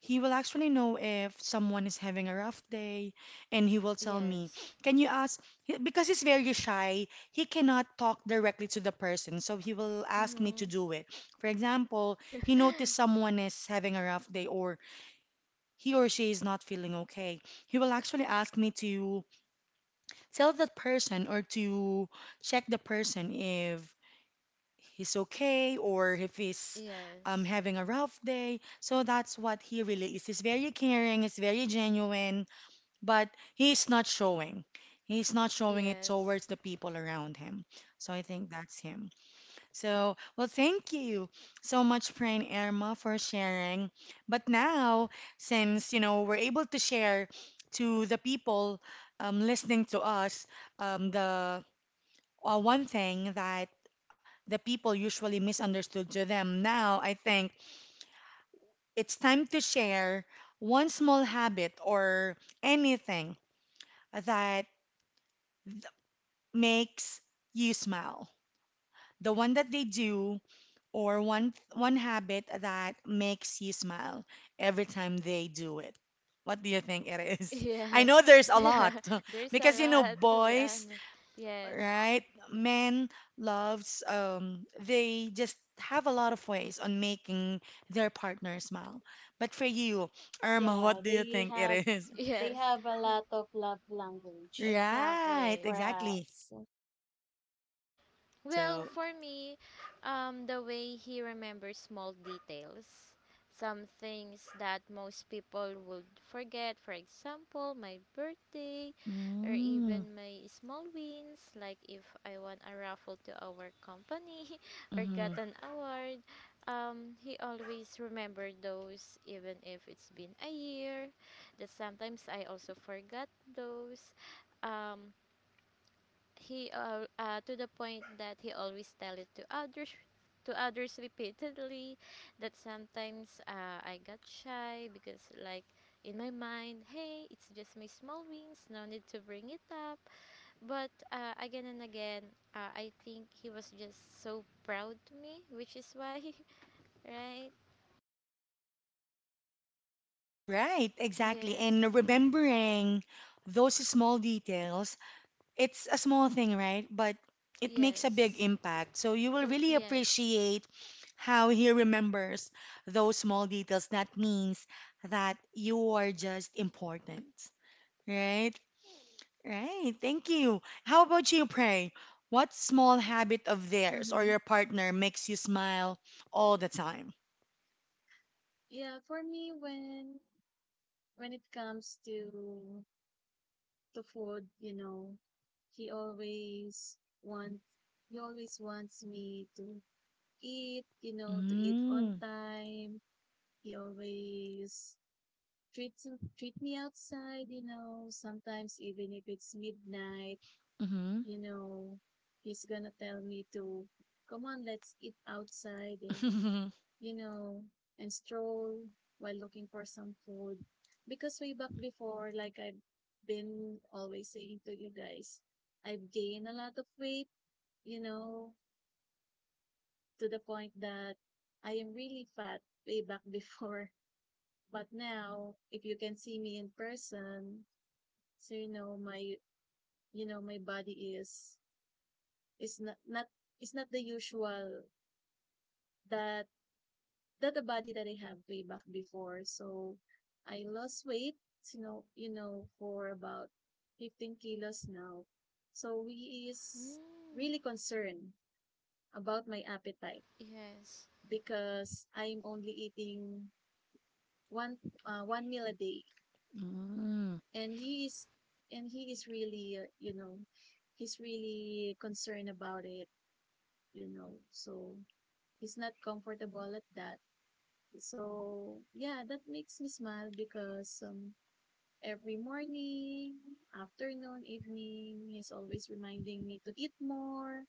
Speaker 1: he will actually know if someone is having a rough day, and he will tell me,
Speaker 3: Yes.
Speaker 1: can you ask? Because he's very shy, he cannot talk directly to the person, so he will ask me to
Speaker 3: Mm-hmm.
Speaker 1: do it. For example, he noticed someone is having a rough day, or he or she is not feeling okay. He will actually ask me to tell that person or to check the person if he's okay or if he's
Speaker 3: Yes.
Speaker 1: having a rough day. So that's what he really is. He's very caring, he's very genuine, but he's not showing. He's not showing it
Speaker 3: Yes.
Speaker 1: towards the people around him. So I think that's him. So, well, thank you so much, Praying Irma, for sharing. But now, since, we're able to share to the people listening to us the one thing that the people usually misunderstood to them. Now, I think it's time to share one small habit or anything that makes you smile. The one that they do or one habit that makes you smile every time they do it. What do you think it is? I
Speaker 3: Yes.
Speaker 1: know there's a lot
Speaker 3: There's a
Speaker 1: because you know
Speaker 3: lot, to be
Speaker 1: boys,
Speaker 3: honest. Yes.
Speaker 1: right? Men loves they just have a lot of ways on making their partner smile. But for you, Irma,
Speaker 2: Yeah,
Speaker 1: what do you
Speaker 2: they
Speaker 1: think
Speaker 2: have
Speaker 1: it is?
Speaker 2: they
Speaker 3: Yes.
Speaker 2: have a lot of love language
Speaker 1: Right,
Speaker 3: Exactly.
Speaker 2: for
Speaker 1: exactly.
Speaker 2: us.
Speaker 3: Well,
Speaker 1: So,
Speaker 3: for me, the way he remembers small details, some things that most people would forget, for example, my birthday or
Speaker 1: mm,
Speaker 3: even my small wins, like if I won a raffle to our company or got
Speaker 1: mhm.
Speaker 3: an award, he always remember those even if it's been a year. That sometimes I also forgot those. Um, he To the point that he always tell it to others repeatedly, that sometimes I got shy because, like, in my mind, hey, it's just my small wings, no need to bring it up. But again and again, I think he was just so proud to me, which is why right.
Speaker 1: Right, exactly.
Speaker 3: Yes.
Speaker 1: And
Speaker 3: Mm-hmm.
Speaker 1: remembering those small details, it's a small thing, right? But it makes a big
Speaker 3: Yes,
Speaker 1: impact. So you will
Speaker 3: to,
Speaker 1: really
Speaker 3: yes.
Speaker 1: appreciate how he remembers those small details. That means that you are just important, right? Right. Thank you. How about you, Pray? What small habit of theirs or
Speaker 2: Mm-hmm.
Speaker 1: your partner makes you smile all the time?
Speaker 2: Yeah, for me when it comes to food, you know, he always wants he always wants me to eat, you know, to eat on
Speaker 1: Mm,
Speaker 2: time. He always treats treat me outside, you know. Sometimes even if it's midnight,
Speaker 1: mm-hmm.
Speaker 2: you know, he's gonna tell me to come on, let's eat outside and you know, and stroll while looking for some food. Because way back before, like I've been always saying to you guys, I've gained a lot of weight, you know, to the point that I am really fat way back before. But now, if you can see me in person, so you know my body is not not is not the usual that the body that I have way back before. So I lost weight, for about 15 kilos now. So we is
Speaker 3: Mm,
Speaker 2: really concerned about my appetite
Speaker 3: yes.
Speaker 2: because I'm only eating one one meal a day
Speaker 1: Mm,
Speaker 2: and he is and he is really he's really concerned about it, you know, so he's not comfortable at that. So yeah, that makes me smile because every morning, afternoon, evening, he's always reminding me to eat more,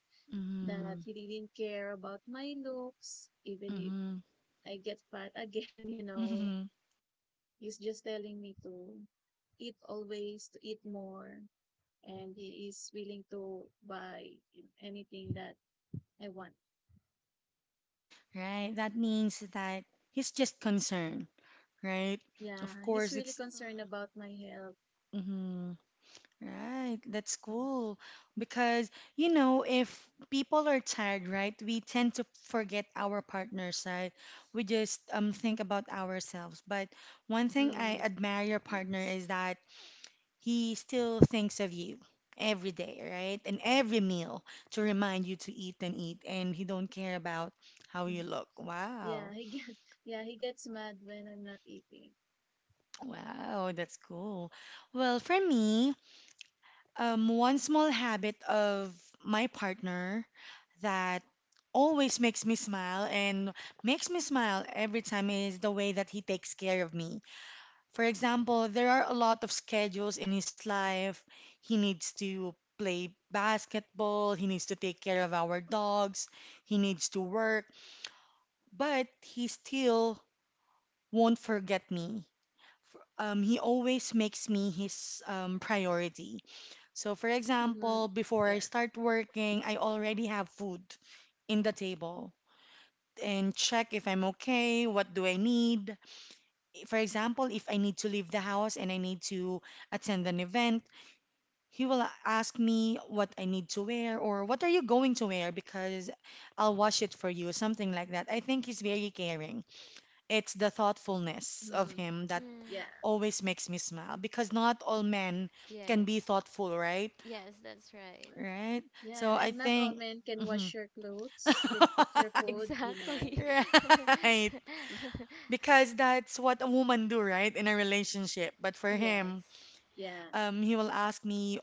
Speaker 2: that
Speaker 1: mm,
Speaker 2: he didn't care about my looks even if
Speaker 1: mm-hmm.
Speaker 2: I get fat again, you know. He's just telling me to eat always, to eat more, and he is willing to buy anything that I want.
Speaker 1: Right? That means that he's just concerned, right? Of
Speaker 2: Yeah, he's
Speaker 1: course,
Speaker 2: really
Speaker 1: it's
Speaker 2: concerned about my health.
Speaker 1: mhm, right. That's cool because if people are tired, right? We tend to forget our partner's side. We just think about ourselves. But one thing I
Speaker 2: Mm,
Speaker 1: admire your partner
Speaker 2: yes.
Speaker 1: is that he still thinks of you every day, right? And every meal to remind you to eat and eat, and he don't care about how
Speaker 2: Mm.
Speaker 1: you look.
Speaker 2: Yeah,
Speaker 1: Wow.
Speaker 2: yeah, he gets mad when I'm not eating.
Speaker 1: Wow, that's cool. Well, for me, one small habit of my partner that always makes me smile and makes me smile every time is the way that he takes care of me. For example, there are a lot of schedules in his life. He needs to play basketball, he needs to take care of our dogs, he needs to work, but he still won't forget me. He always makes me his priority. So, for
Speaker 2: Mm-hmm.
Speaker 1: example, before I
Speaker 2: Yeah.
Speaker 1: start working, I already have food in the table and check if I'm okay, what do I need. For example, if I need to leave the house and I need to attend an event, he will ask me what I need to wear or what are you going to wear because I'll wash it for you, something like that. I think he's very caring. It's the thoughtfulness of
Speaker 2: Mm-hmm.
Speaker 1: him that
Speaker 3: Mm,
Speaker 2: Yeah.
Speaker 1: always makes me smile because not all men can be
Speaker 3: yes.
Speaker 1: thoughtful, right?
Speaker 3: Yes, that's right.
Speaker 1: Right?
Speaker 2: Yeah,
Speaker 1: So I
Speaker 2: and not all
Speaker 1: think,
Speaker 2: men can
Speaker 1: mhm.
Speaker 2: wash your clothes, can cook your food,
Speaker 3: Exactly.
Speaker 1: right. Because that's what a woman do, right? In a relationship. But for him,
Speaker 3: Yes.
Speaker 2: Yeah.
Speaker 1: He will ask me,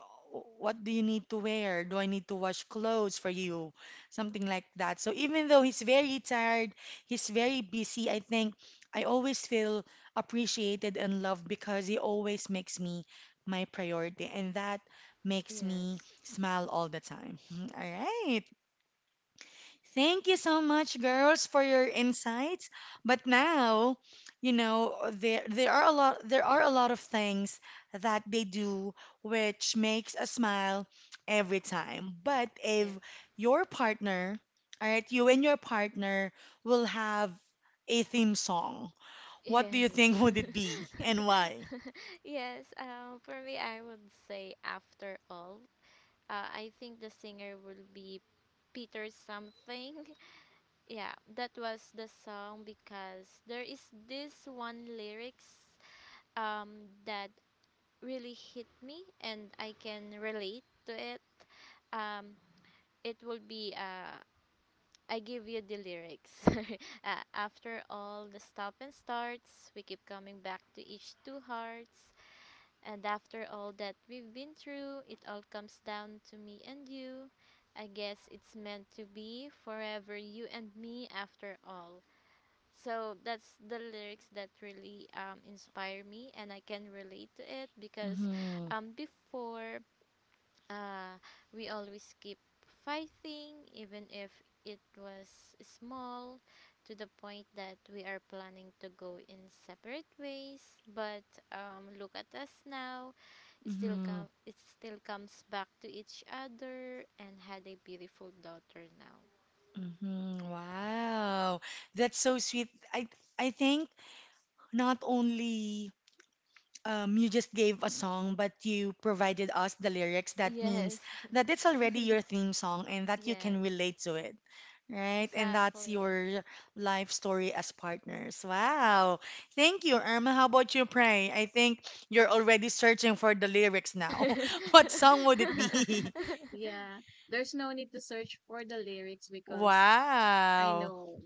Speaker 1: what do you need to wear? Do I need to wash clothes for you? Something like that. So even though he's very tired, he's very busy, I think I always feel appreciated and loved because he always makes me my priority. And that makes me
Speaker 3: Yes.
Speaker 1: smile all the time. All right. Thank you so much, girls, for your insights. But now, there there are a lot there are a lot of things that they do which makes us smile every time. But if
Speaker 3: Yes.
Speaker 1: your partner, all right, you and your partner will have a theme song, what do you
Speaker 3: Yes.
Speaker 1: think would it be and why?
Speaker 3: Yes. For me, I would say After All. I think the singer will be Peter something. Yeah, that was the song, because there is this one lyrics that really hit me, and I can relate to it. Um, it will be I give you the lyrics. After all the stop and starts, we keep coming back to each two hearts. And after all that we've been through, it all comes down to me and you. I guess it's meant to be forever you and me after all. So that's the lyrics that really inspire me, and I can relate to it because
Speaker 1: Mm-hmm.
Speaker 3: before uh, we always keep fighting, even if it was small, to the point that we are planning to go in separate ways. But look at us now.
Speaker 1: Mm-hmm.
Speaker 3: It still comes back to each other, and had a beautiful daughter now.
Speaker 1: Hmm. Wow, that's so sweet. I think not only. You just gave a song, but you provided us the lyrics. That
Speaker 3: Yes,
Speaker 1: means that it's already your theme song and that you
Speaker 3: yes,
Speaker 1: can relate to it, right? And that's
Speaker 3: exactly.
Speaker 1: your life story as partners. Wow. Thank you, Irma. How about you, Pray? I think you're already searching for the lyrics now. What song would it be?
Speaker 2: Yeah. There's no need to search for the lyrics because I
Speaker 1: Wow.
Speaker 2: know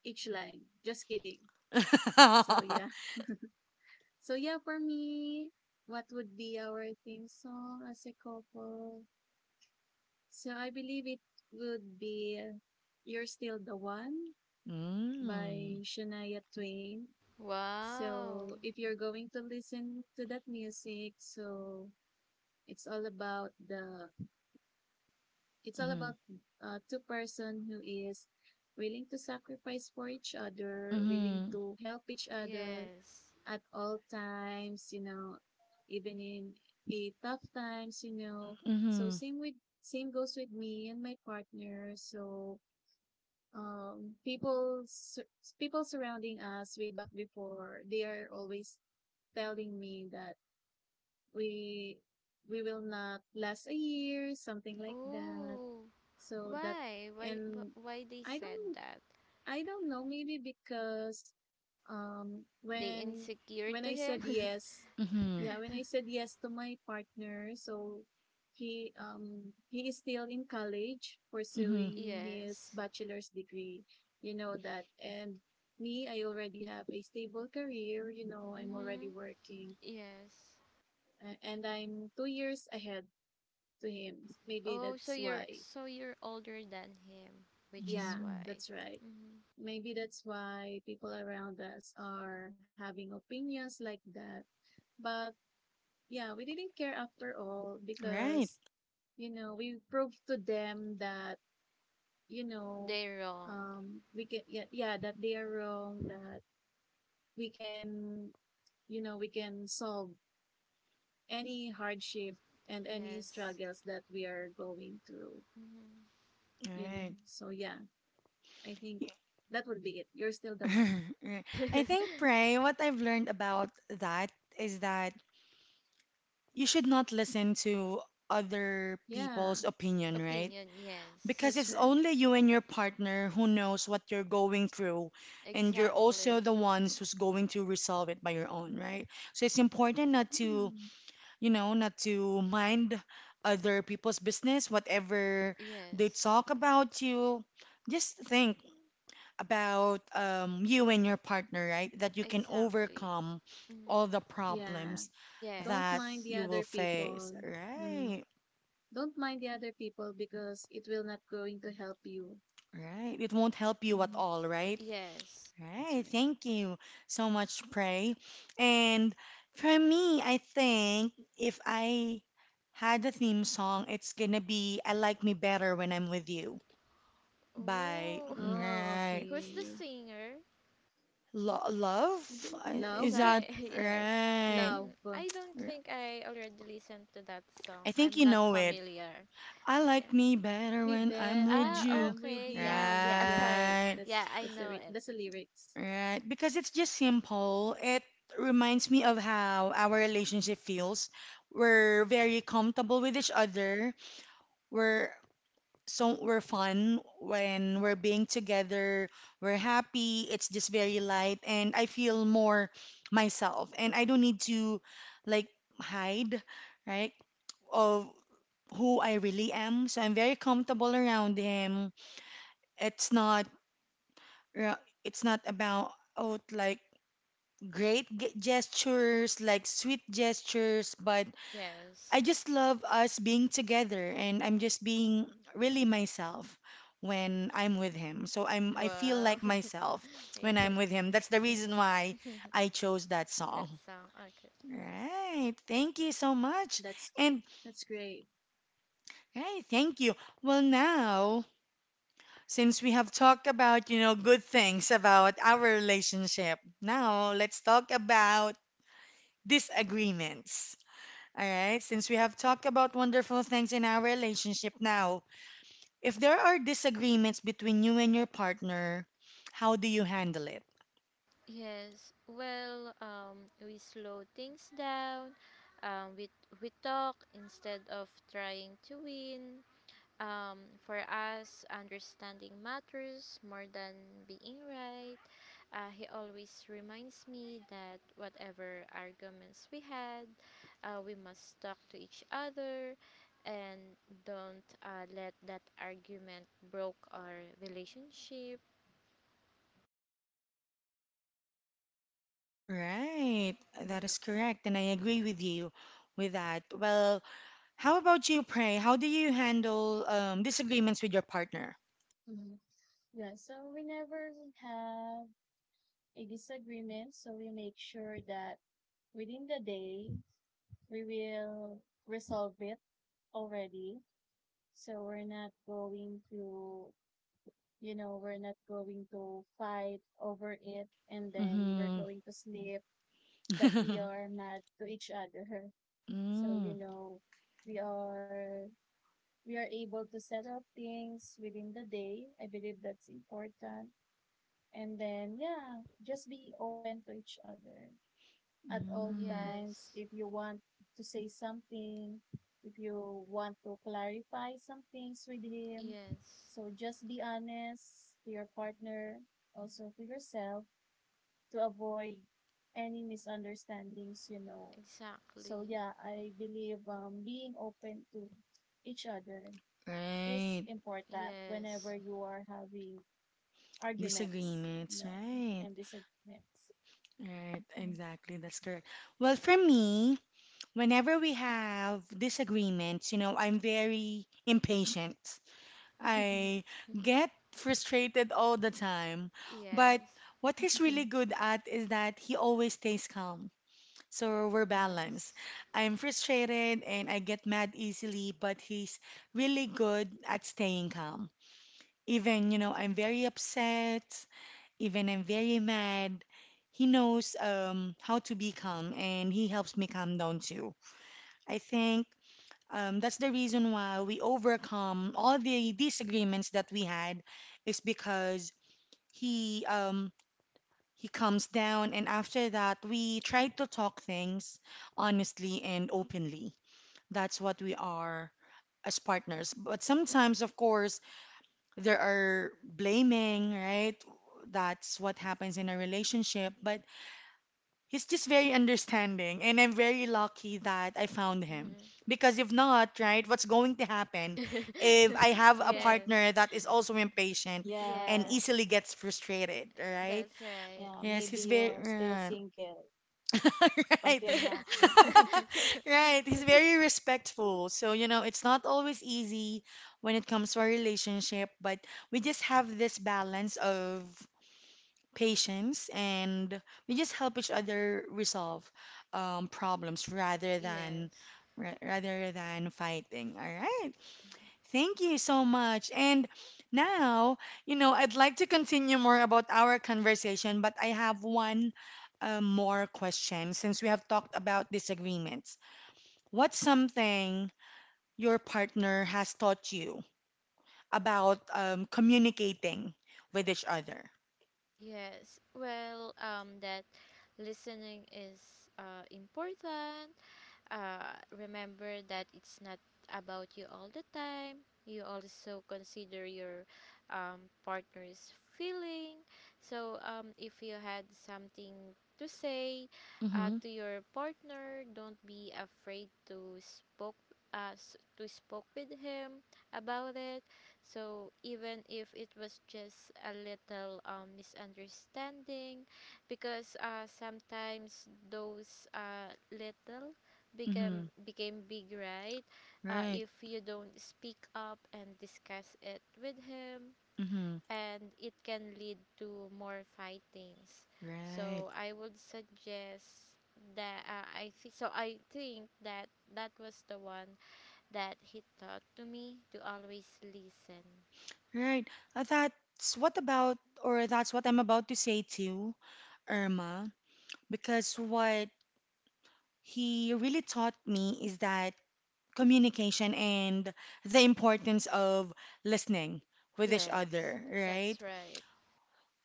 Speaker 2: each line. Just kidding. So yeah. For me, what would be our theme song as a couple? So I believe it would be You're Still the One
Speaker 1: Mm.
Speaker 2: by Shania Twain.
Speaker 3: Wow.
Speaker 2: So if you're going to listen to that music, so it's all about the it's all
Speaker 1: Mhm.
Speaker 2: about two-person who is willing to sacrifice for each other, willing
Speaker 1: Mhm.
Speaker 2: to help each other,
Speaker 3: Yes.
Speaker 2: at all times, you know, even in a tough times, you know. So
Speaker 1: Mhm.
Speaker 2: same goes with me and my partner. So um people sur- people surrounding us way back before, they are always telling me that we we will not last a year, something like that.
Speaker 3: Ooh.
Speaker 2: So that,
Speaker 3: Why? Why?
Speaker 2: and
Speaker 3: Why they
Speaker 2: I
Speaker 3: said
Speaker 2: don't
Speaker 3: that?
Speaker 2: I don't know, maybe because um
Speaker 3: They
Speaker 2: when
Speaker 3: insecure to
Speaker 2: when I
Speaker 3: him.
Speaker 2: said yes,
Speaker 1: Mhm.
Speaker 2: yeah, when I said yes to my partner, so he is still in college
Speaker 1: Mhm.
Speaker 2: pursuing his
Speaker 3: Yes.
Speaker 2: bachelor's degree. You know that. And me, I already have a stable career, you know, I'm
Speaker 3: Mhm.
Speaker 2: already working
Speaker 3: Yes.
Speaker 2: and I'm 2 years ahead to him. Maybe
Speaker 3: Oh, so
Speaker 2: that's
Speaker 3: you're
Speaker 2: why.
Speaker 3: you're older than him, which is
Speaker 2: Yeah,
Speaker 1: Mm.
Speaker 3: why.
Speaker 2: that's right,
Speaker 3: Mhm.
Speaker 2: maybe that's why people around us are having opinions like that. But yeah, we didn't care after all
Speaker 1: Right.
Speaker 2: because, you know, we proved to them that, you know,
Speaker 3: They're wrong.
Speaker 2: we can, yeah, yeah, that they are wrong, that we can, you know, we can solve any hardship and any
Speaker 3: Yes.
Speaker 2: struggles that we are going through,
Speaker 3: Mhm.
Speaker 2: you know.
Speaker 1: Right.
Speaker 2: So, yeah, I think that would be it. You're still the one.
Speaker 1: Right. I think, Pray, what I've learned about that is that you should not listen to other
Speaker 2: Yeah,
Speaker 1: people's opinion, right?
Speaker 3: Opinion. Yes.
Speaker 1: Because
Speaker 2: that's
Speaker 1: it's
Speaker 2: right.
Speaker 1: only you and your partner who knows what you're going through, and you're
Speaker 3: Exactly.
Speaker 1: also the ones who's going to resolve it by your own, right? So it's important not to,
Speaker 2: Mm,
Speaker 1: you know, not to mind other people's business, whatever they
Speaker 3: Yes.
Speaker 1: talk about you. Just think about you and your partner, right? That you can
Speaker 3: Exactly.
Speaker 1: overcome
Speaker 3: Mhm.
Speaker 1: all the
Speaker 2: yeah,
Speaker 1: problems
Speaker 2: don't
Speaker 1: that
Speaker 2: mind
Speaker 3: Yes.
Speaker 2: the
Speaker 1: you will
Speaker 2: other
Speaker 1: face.
Speaker 2: people. Mm.
Speaker 1: Right,
Speaker 2: Don't mind the other people because it will not going to help you.
Speaker 1: right. It won't help you at
Speaker 2: Mhm.
Speaker 1: all, right?
Speaker 3: Yes.
Speaker 2: That's
Speaker 1: Right.
Speaker 2: right.
Speaker 1: Thank you so much, Pray. And for me, I think if I had a theme song, it's gonna be I Like Me Better When I'm With You by
Speaker 3: Oh,
Speaker 2: Oh,
Speaker 1: right.
Speaker 3: who's the
Speaker 2: okay.
Speaker 3: singer?
Speaker 1: Lo-
Speaker 2: I
Speaker 1: love?
Speaker 2: think love,
Speaker 1: Is
Speaker 3: Sorry,
Speaker 1: that
Speaker 3: yes.
Speaker 1: right?
Speaker 3: Mm,
Speaker 2: love,
Speaker 3: I don't think I already listened to that song.
Speaker 1: I
Speaker 3: I'm
Speaker 1: think you
Speaker 3: not
Speaker 1: know it.
Speaker 3: familiar.
Speaker 1: I
Speaker 3: Yeah.
Speaker 1: like me better
Speaker 2: be
Speaker 1: when I'm
Speaker 2: better when
Speaker 1: with
Speaker 3: Ah,
Speaker 1: you.
Speaker 2: I'm with
Speaker 3: okay. Yeah,
Speaker 2: you.
Speaker 3: yeah,
Speaker 2: Yeah,
Speaker 3: sorry.
Speaker 1: Right,
Speaker 3: Yeah,
Speaker 2: that's
Speaker 3: I
Speaker 2: that's
Speaker 3: know it.
Speaker 2: that's the lyrics.
Speaker 1: right. Because it's just simple. It reminds me of how our relationship feels. We're very comfortable with each other. We're we're fun when we're being together. We're happy. It's just very light and I feel more myself and I don't need to like hide, right? Of who I really am. So I'm very comfortable around him. It's not it's not about oh like great gestures, like sweet gestures, but
Speaker 3: Yes.
Speaker 1: I just love us being together and I'm just being really myself when I'm with him. So I feel
Speaker 3: Wow.
Speaker 1: like myself when
Speaker 3: yes.
Speaker 1: I'm with him. That's the reason why I chose that
Speaker 3: That
Speaker 1: song.
Speaker 3: song. Okay.
Speaker 1: Right. Thank you so much.
Speaker 2: That's
Speaker 1: And
Speaker 2: that's great.
Speaker 1: right, thank you. Well, now, since we have talked about good things about our relationship, now let's talk about disagreements. All right? Since we have talked about wonderful things in our relationship now, if there are disagreements between you and your partner, how do you handle it?
Speaker 3: Yes. Well, we slow things down. Um, we we talk instead of trying to win. For us, understanding matters more than being right. He always reminds me that whatever arguments we had, we must talk to each other and don't let that argument broke our relationship. Yes,
Speaker 1: Right. That is correct. And I agree with you with that. Well, how about you, Pray? How do you handle disagreements with your partner?
Speaker 2: Hmm. Yeah. So whenever we have a disagreement, so we make sure that within the day we will resolve it already. So we're not going to you know, we're not going to fight over it and then we're
Speaker 1: Mm-hmm.
Speaker 2: going to sleep that we are mad to each other. So, you
Speaker 1: Mm.
Speaker 2: know, we are we are able to set up things within the day. I believe that's important. And then yeah, just be open to each other at all
Speaker 1: Mm.
Speaker 2: times
Speaker 3: yes,
Speaker 2: if you want to say something, if you want to clarify some things with him.
Speaker 3: yes,
Speaker 2: So just be honest to your partner, also to yourself, to avoid any misunderstandings, you know. So
Speaker 3: exactly.
Speaker 2: yeah, I believe being open to each other is
Speaker 1: Right.
Speaker 2: important
Speaker 3: Yes,
Speaker 2: whenever you are having arguments, you
Speaker 1: Disagreements,
Speaker 2: know,
Speaker 1: right?
Speaker 2: and disagreements.
Speaker 1: Right, exactly. That's correct. Well, for me, whenever we have disagreements, I'm very impatient. I get frustrated all the time. But
Speaker 3: yes,
Speaker 1: what he's really good at is that he always stays calm. So we're balanced.
Speaker 3: yes.
Speaker 1: I'm frustrated and I get mad easily, but he's really good at staying calm. Even, I'm very upset. Even I'm very mad, he knows how to be calm and he helps me calm down too. I think that's the reason why we overcome all the disagreements that we had is because he um, he calms down and after that we try to talk things honestly and openly. That's what we are as partners. But sometimes, of course, there are blaming, right? That's what happens in a relationship, but he's just very understanding, and I'm very lucky that I found him.
Speaker 3: Hmm.
Speaker 1: Because if not, right, what's going to happen if I have a
Speaker 3: Yes.
Speaker 1: partner that is also impatient and
Speaker 3: Yes.
Speaker 2: Yeah,
Speaker 1: easily gets frustrated, right?
Speaker 3: That's right.
Speaker 2: yeah,
Speaker 1: Yes,
Speaker 2: maybe
Speaker 1: he's very
Speaker 2: you're still
Speaker 1: right.
Speaker 2: single
Speaker 1: Right.
Speaker 2: until now.
Speaker 1: Right. He's very respectful. So, it's not always easy when it comes to our relationship, but we just have this balance of patience and we just help each other resolve problems rather than
Speaker 3: Yes.
Speaker 1: ra- rather than fighting. All right, thank you so much. And now I'd like to continue more about our conversation, but I have one more question. Since we have talked about disagreements, what's something your partner has taught you about communicating with each other?
Speaker 3: Yes. Well, that listening is important. Remember that it's not about you all the time. You also consider your partner's feeling. So if you had something to say
Speaker 1: Mm-hmm.
Speaker 3: to your partner, don't be afraid to spoke to spoke with him about it. So even if it was just a little misunderstanding, because sometimes those little became
Speaker 1: Mm-hmm.
Speaker 3: became big, right?
Speaker 1: Right.
Speaker 3: If you don't speak up and discuss it with him,
Speaker 1: Mm-hmm.
Speaker 3: and it can lead to more fightings. So
Speaker 1: Right,
Speaker 3: I would suggest that I think so. I think that that was the one that he taught to me to always listen.
Speaker 1: right. That's what about, or that's what I'm about to say to Irma, because what he really taught me is that communication and the importance of listening with each
Speaker 3: Yes,
Speaker 1: other,
Speaker 3: that's
Speaker 1: right?
Speaker 3: right.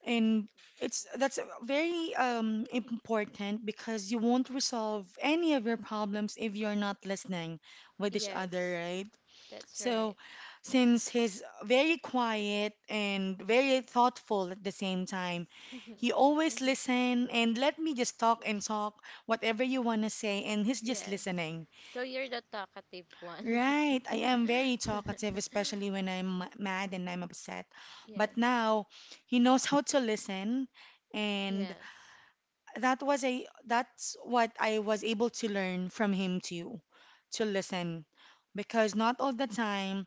Speaker 1: And it's that's very important because you won't resolve any of your problems if you're not listening with each other,
Speaker 3: Yes,
Speaker 1: right?
Speaker 3: that's right.
Speaker 1: So, since he's very quiet and very thoughtful at the same time, he always listen and let me just talk and talk whatever you want to say, and he's just
Speaker 3: Yes.
Speaker 1: listening.
Speaker 3: So you're the talkative one.
Speaker 1: Right, I am very talkative, especially when I'm mad and I'm upset.
Speaker 3: Yes.
Speaker 1: But now he knows how to listen, and
Speaker 3: Yes.
Speaker 1: that's what I was able to learn from him too, to listen, because not all the time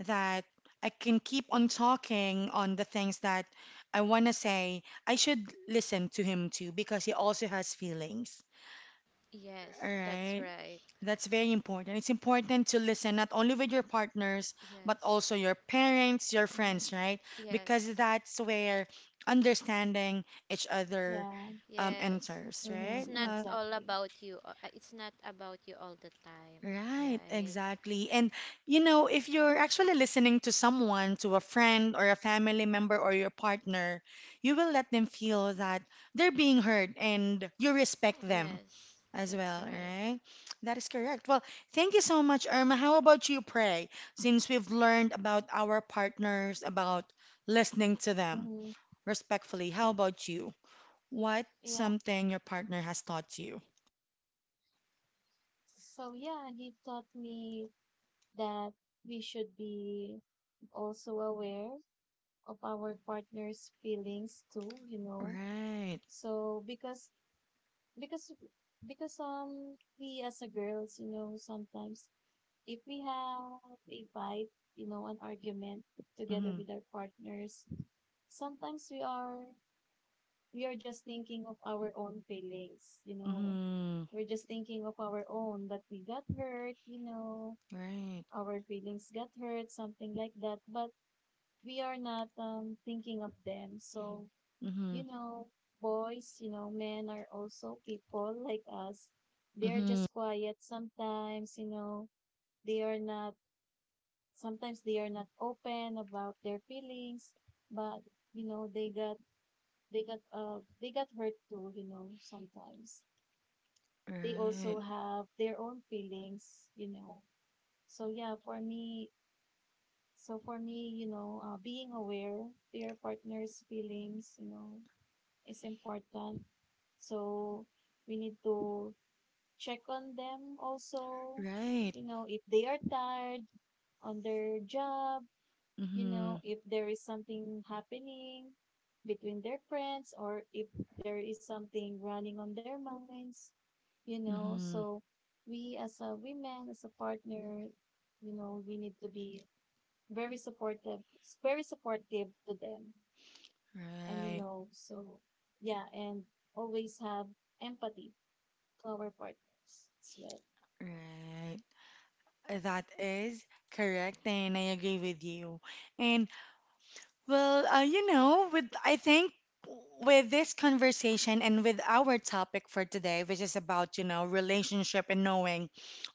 Speaker 1: that I can keep on talking on the things that I want to say. I should listen to him too because he also has feelings.
Speaker 3: Yes,
Speaker 1: All
Speaker 3: that's
Speaker 1: right.
Speaker 3: right.
Speaker 1: That's very important. It's important to listen not only with your partners, but
Speaker 3: Yes.
Speaker 1: also your parents, your
Speaker 3: Hmm.
Speaker 1: friends, right?
Speaker 3: Yes.
Speaker 1: Because that's where understanding each other
Speaker 2: Yeah,
Speaker 3: Yes.
Speaker 1: enters,
Speaker 3: It's
Speaker 2: mm-hmm,
Speaker 1: right?
Speaker 3: not
Speaker 1: Well,
Speaker 3: all
Speaker 2: exactly.
Speaker 3: about you. It's not about you all the time,
Speaker 1: right,
Speaker 3: right?
Speaker 1: exactly. And if you're actually listening to someone, to a friend or a family member or your partner, you will let them feel that they're being heard and you respect them
Speaker 3: Yes,
Speaker 1: as
Speaker 3: that's
Speaker 1: well,
Speaker 3: right.
Speaker 1: right? That is correct. Well, thank you so much, Irma. How about you, Pray? Since we've learned about our partners, about listening to them
Speaker 2: Mm-hmm,
Speaker 1: respectfully, how about you? What
Speaker 2: yeah.
Speaker 1: something your partner has taught you?
Speaker 2: So yeah, he taught me that we should be also aware of our partner's feelings too, you know.
Speaker 1: Right.
Speaker 2: So because because we as a girls, you know, sometimes if we have a fight, you know, an argument together
Speaker 1: Mm-hmm.
Speaker 2: with our partners, sometimes we are just thinking of our own feelings, you know.
Speaker 1: Mm-hmm.
Speaker 2: We're just thinking of our own that we got hurt, you know,
Speaker 1: Right.
Speaker 2: our feelings got hurt, something like that. But we are not thinking of them. So
Speaker 1: Mm-hmm.
Speaker 2: you know, boys, you know, men are also people like us. They are
Speaker 1: Mm-hmm.
Speaker 2: just quiet sometimes, you know, they are not, sometimes they are not open about their feelings, but, you know, they got hurt too, you know, sometimes. They also
Speaker 1: Right.
Speaker 2: have their own feelings, you know. So yeah, for me, so for me, you know, being aware to your partner's feelings, you know, is important. So we need to check on them also,
Speaker 1: Right.
Speaker 2: you know, if they are tired on their job, you
Speaker 1: Mm-hmm.
Speaker 2: know, if there is something happening between their friends or if there is something running on their minds, you know.
Speaker 1: Mm-hmm.
Speaker 2: So we as a women, as a partner, you know, we need to be very supportive, very supportive to them, and you
Speaker 1: Right.
Speaker 2: know, so yeah, and always have empathy to our partners as well.
Speaker 1: Right. That is correct, and I agree with you. And well, with I think with this conversation and with our topic for today, which is about relationship and knowing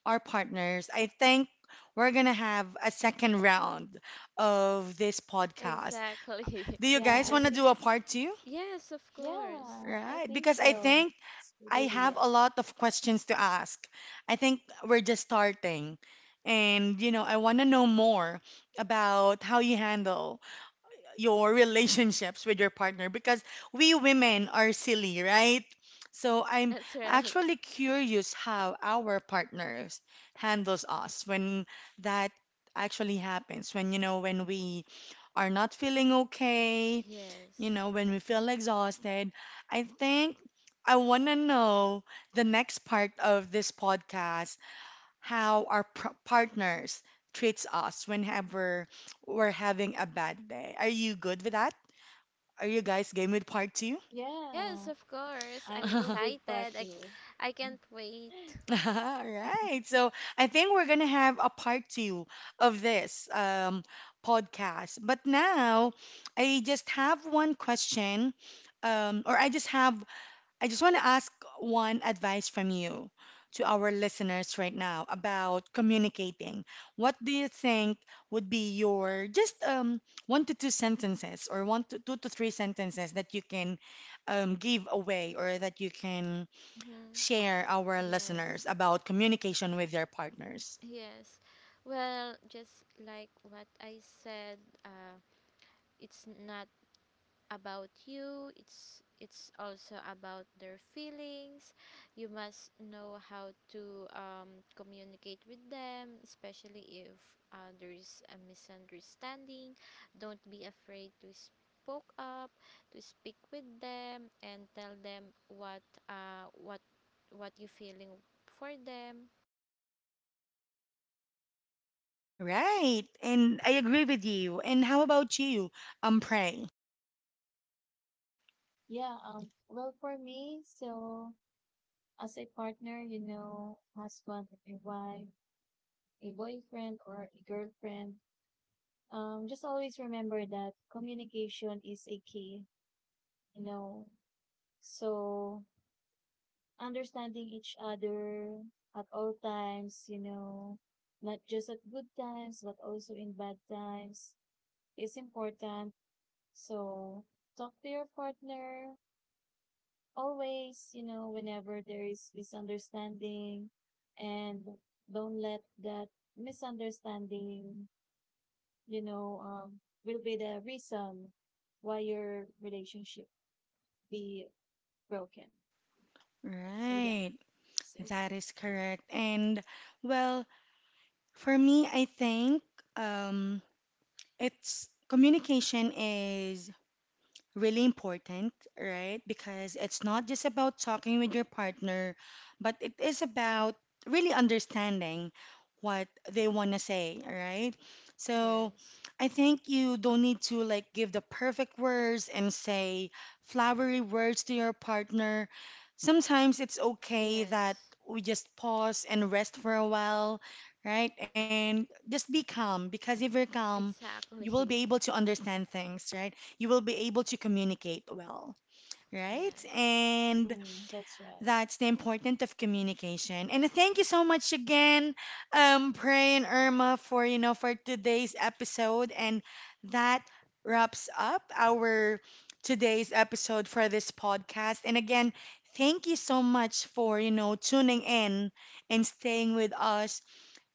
Speaker 1: our partners, I think we're gonna have a second round of this podcast.
Speaker 3: Exactly.
Speaker 1: Do you
Speaker 2: Yeah,
Speaker 1: guys
Speaker 2: I
Speaker 1: want to do
Speaker 2: think,
Speaker 1: a
Speaker 2: s-
Speaker 1: part two?
Speaker 3: Yes, of course.
Speaker 2: yeah, I
Speaker 1: Right,
Speaker 2: think
Speaker 1: because I
Speaker 2: so.
Speaker 1: think
Speaker 2: It's a good
Speaker 1: I have
Speaker 2: idea.
Speaker 1: a lot of questions to ask. I think we're just starting. And I want to know more about how you handle your relationships with your partner because we women are silly, right? So I'm
Speaker 3: That's right.
Speaker 1: actually curious how our partners handles us when that actually happens, when we are not feeling okay,
Speaker 3: Yes.
Speaker 1: when we feel exhausted. I think I want to know the next part of this podcast how our partners treats us whenever we're having a bad day. Are you good with that? Are you guys game with part two?
Speaker 3: Yes,
Speaker 2: Yeah,
Speaker 3: of course. I'm
Speaker 2: I'm good
Speaker 1: All
Speaker 2: with
Speaker 3: excited.
Speaker 2: part two.
Speaker 3: I can't wait.
Speaker 1: right. So I think we're gonna have a part two of this podcast. But now I just have one question, or I just want to ask one advice from you to our listeners right now about communicating. What do you think would be your just one to two sentences or one to two to three sentences that you can give away or that you can
Speaker 3: Hmm.
Speaker 1: share our
Speaker 3: Yes.
Speaker 1: listeners about communication with their partners?
Speaker 3: Yes. Well, just like what I said, uh, it's not about you. It's also about their feelings. You must know how to communicate with them, especially if there is a misunderstanding. Don't be afraid to spoke up, to speak with them, and tell them what uh, what what you feeling for them.
Speaker 1: Right. And I agree with you. And how about you, Pray?
Speaker 2: Yeah, well, for me, so as a partner, you know, husband, a wife, a boyfriend, or a girlfriend, just always remember that communication is a key, you know. So understanding each other at all times, you know, not just at good times, but also in bad times is important. So talk to your partner always, you know, whenever there is misunderstanding, and don't let that misunderstanding, you know, will be the reason why your relationship be broken. So yeah,
Speaker 1: Right.
Speaker 2: that's it.
Speaker 1: That is correct. And well, for me, I think um, it's communication is really important, right? Because it's not just about talking with your partner, but it is about really understanding what they want to say, right? So
Speaker 3: Yes.
Speaker 1: I think you don't need to like give the perfect words and say flowery words to your partner. Sometimes it's okay that
Speaker 3: Yes.
Speaker 1: we just pause and rest for a while, right? And just be calm because if you're calm,
Speaker 3: Exactly.
Speaker 1: you will be able to understand things, right? You will be able to communicate well, right?
Speaker 3: Yes,
Speaker 1: And
Speaker 2: Mm, that's right.
Speaker 1: that's the importance of communication. And thank you so much again, Pray and Irma for for today's episode. And that wraps up our today's episode for this podcast. And again, thank you so much for tuning in and staying with us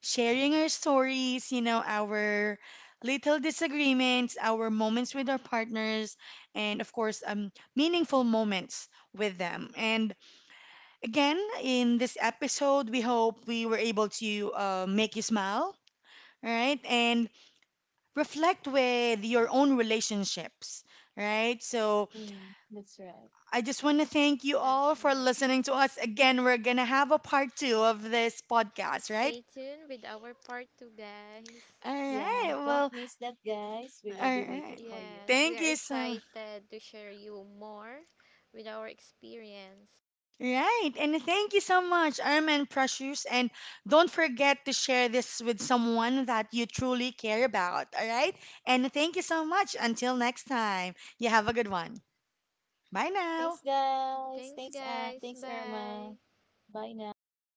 Speaker 1: sharing our stories, our little disagreements, our moments with our partners, and of course, meaningful moments with them. And again, in this episode, we hope we were able to make you smile, right? And reflect with your own relationships. Right, so
Speaker 2: Mm, that's right.
Speaker 1: I just want to thank you
Speaker 3: that's
Speaker 1: all for
Speaker 3: right.
Speaker 1: listening to us again. We're gonna have a part two of this podcast,
Speaker 3: Stay
Speaker 1: right?
Speaker 3: tuned with our part 2, guys.
Speaker 1: All
Speaker 2: Yeah,
Speaker 1: right,
Speaker 2: don't
Speaker 1: well,
Speaker 2: miss that, guys. We
Speaker 1: all
Speaker 2: will be waiting
Speaker 1: right.
Speaker 2: for you.
Speaker 3: Yes, we are
Speaker 1: Thank you so.
Speaker 3: excited to share you more with our experience.
Speaker 1: Right. And thank you so much, Armin Precious. And don't forget to share this with someone that you truly care about. All right. And thank you so much. Until next time, you have a good one. Bye now.
Speaker 2: Thanks, guys.
Speaker 3: Thanks,
Speaker 2: Thanks, Anne.
Speaker 3: guys.
Speaker 2: Thanks,
Speaker 3: Bye.
Speaker 2: Irma. Bye now.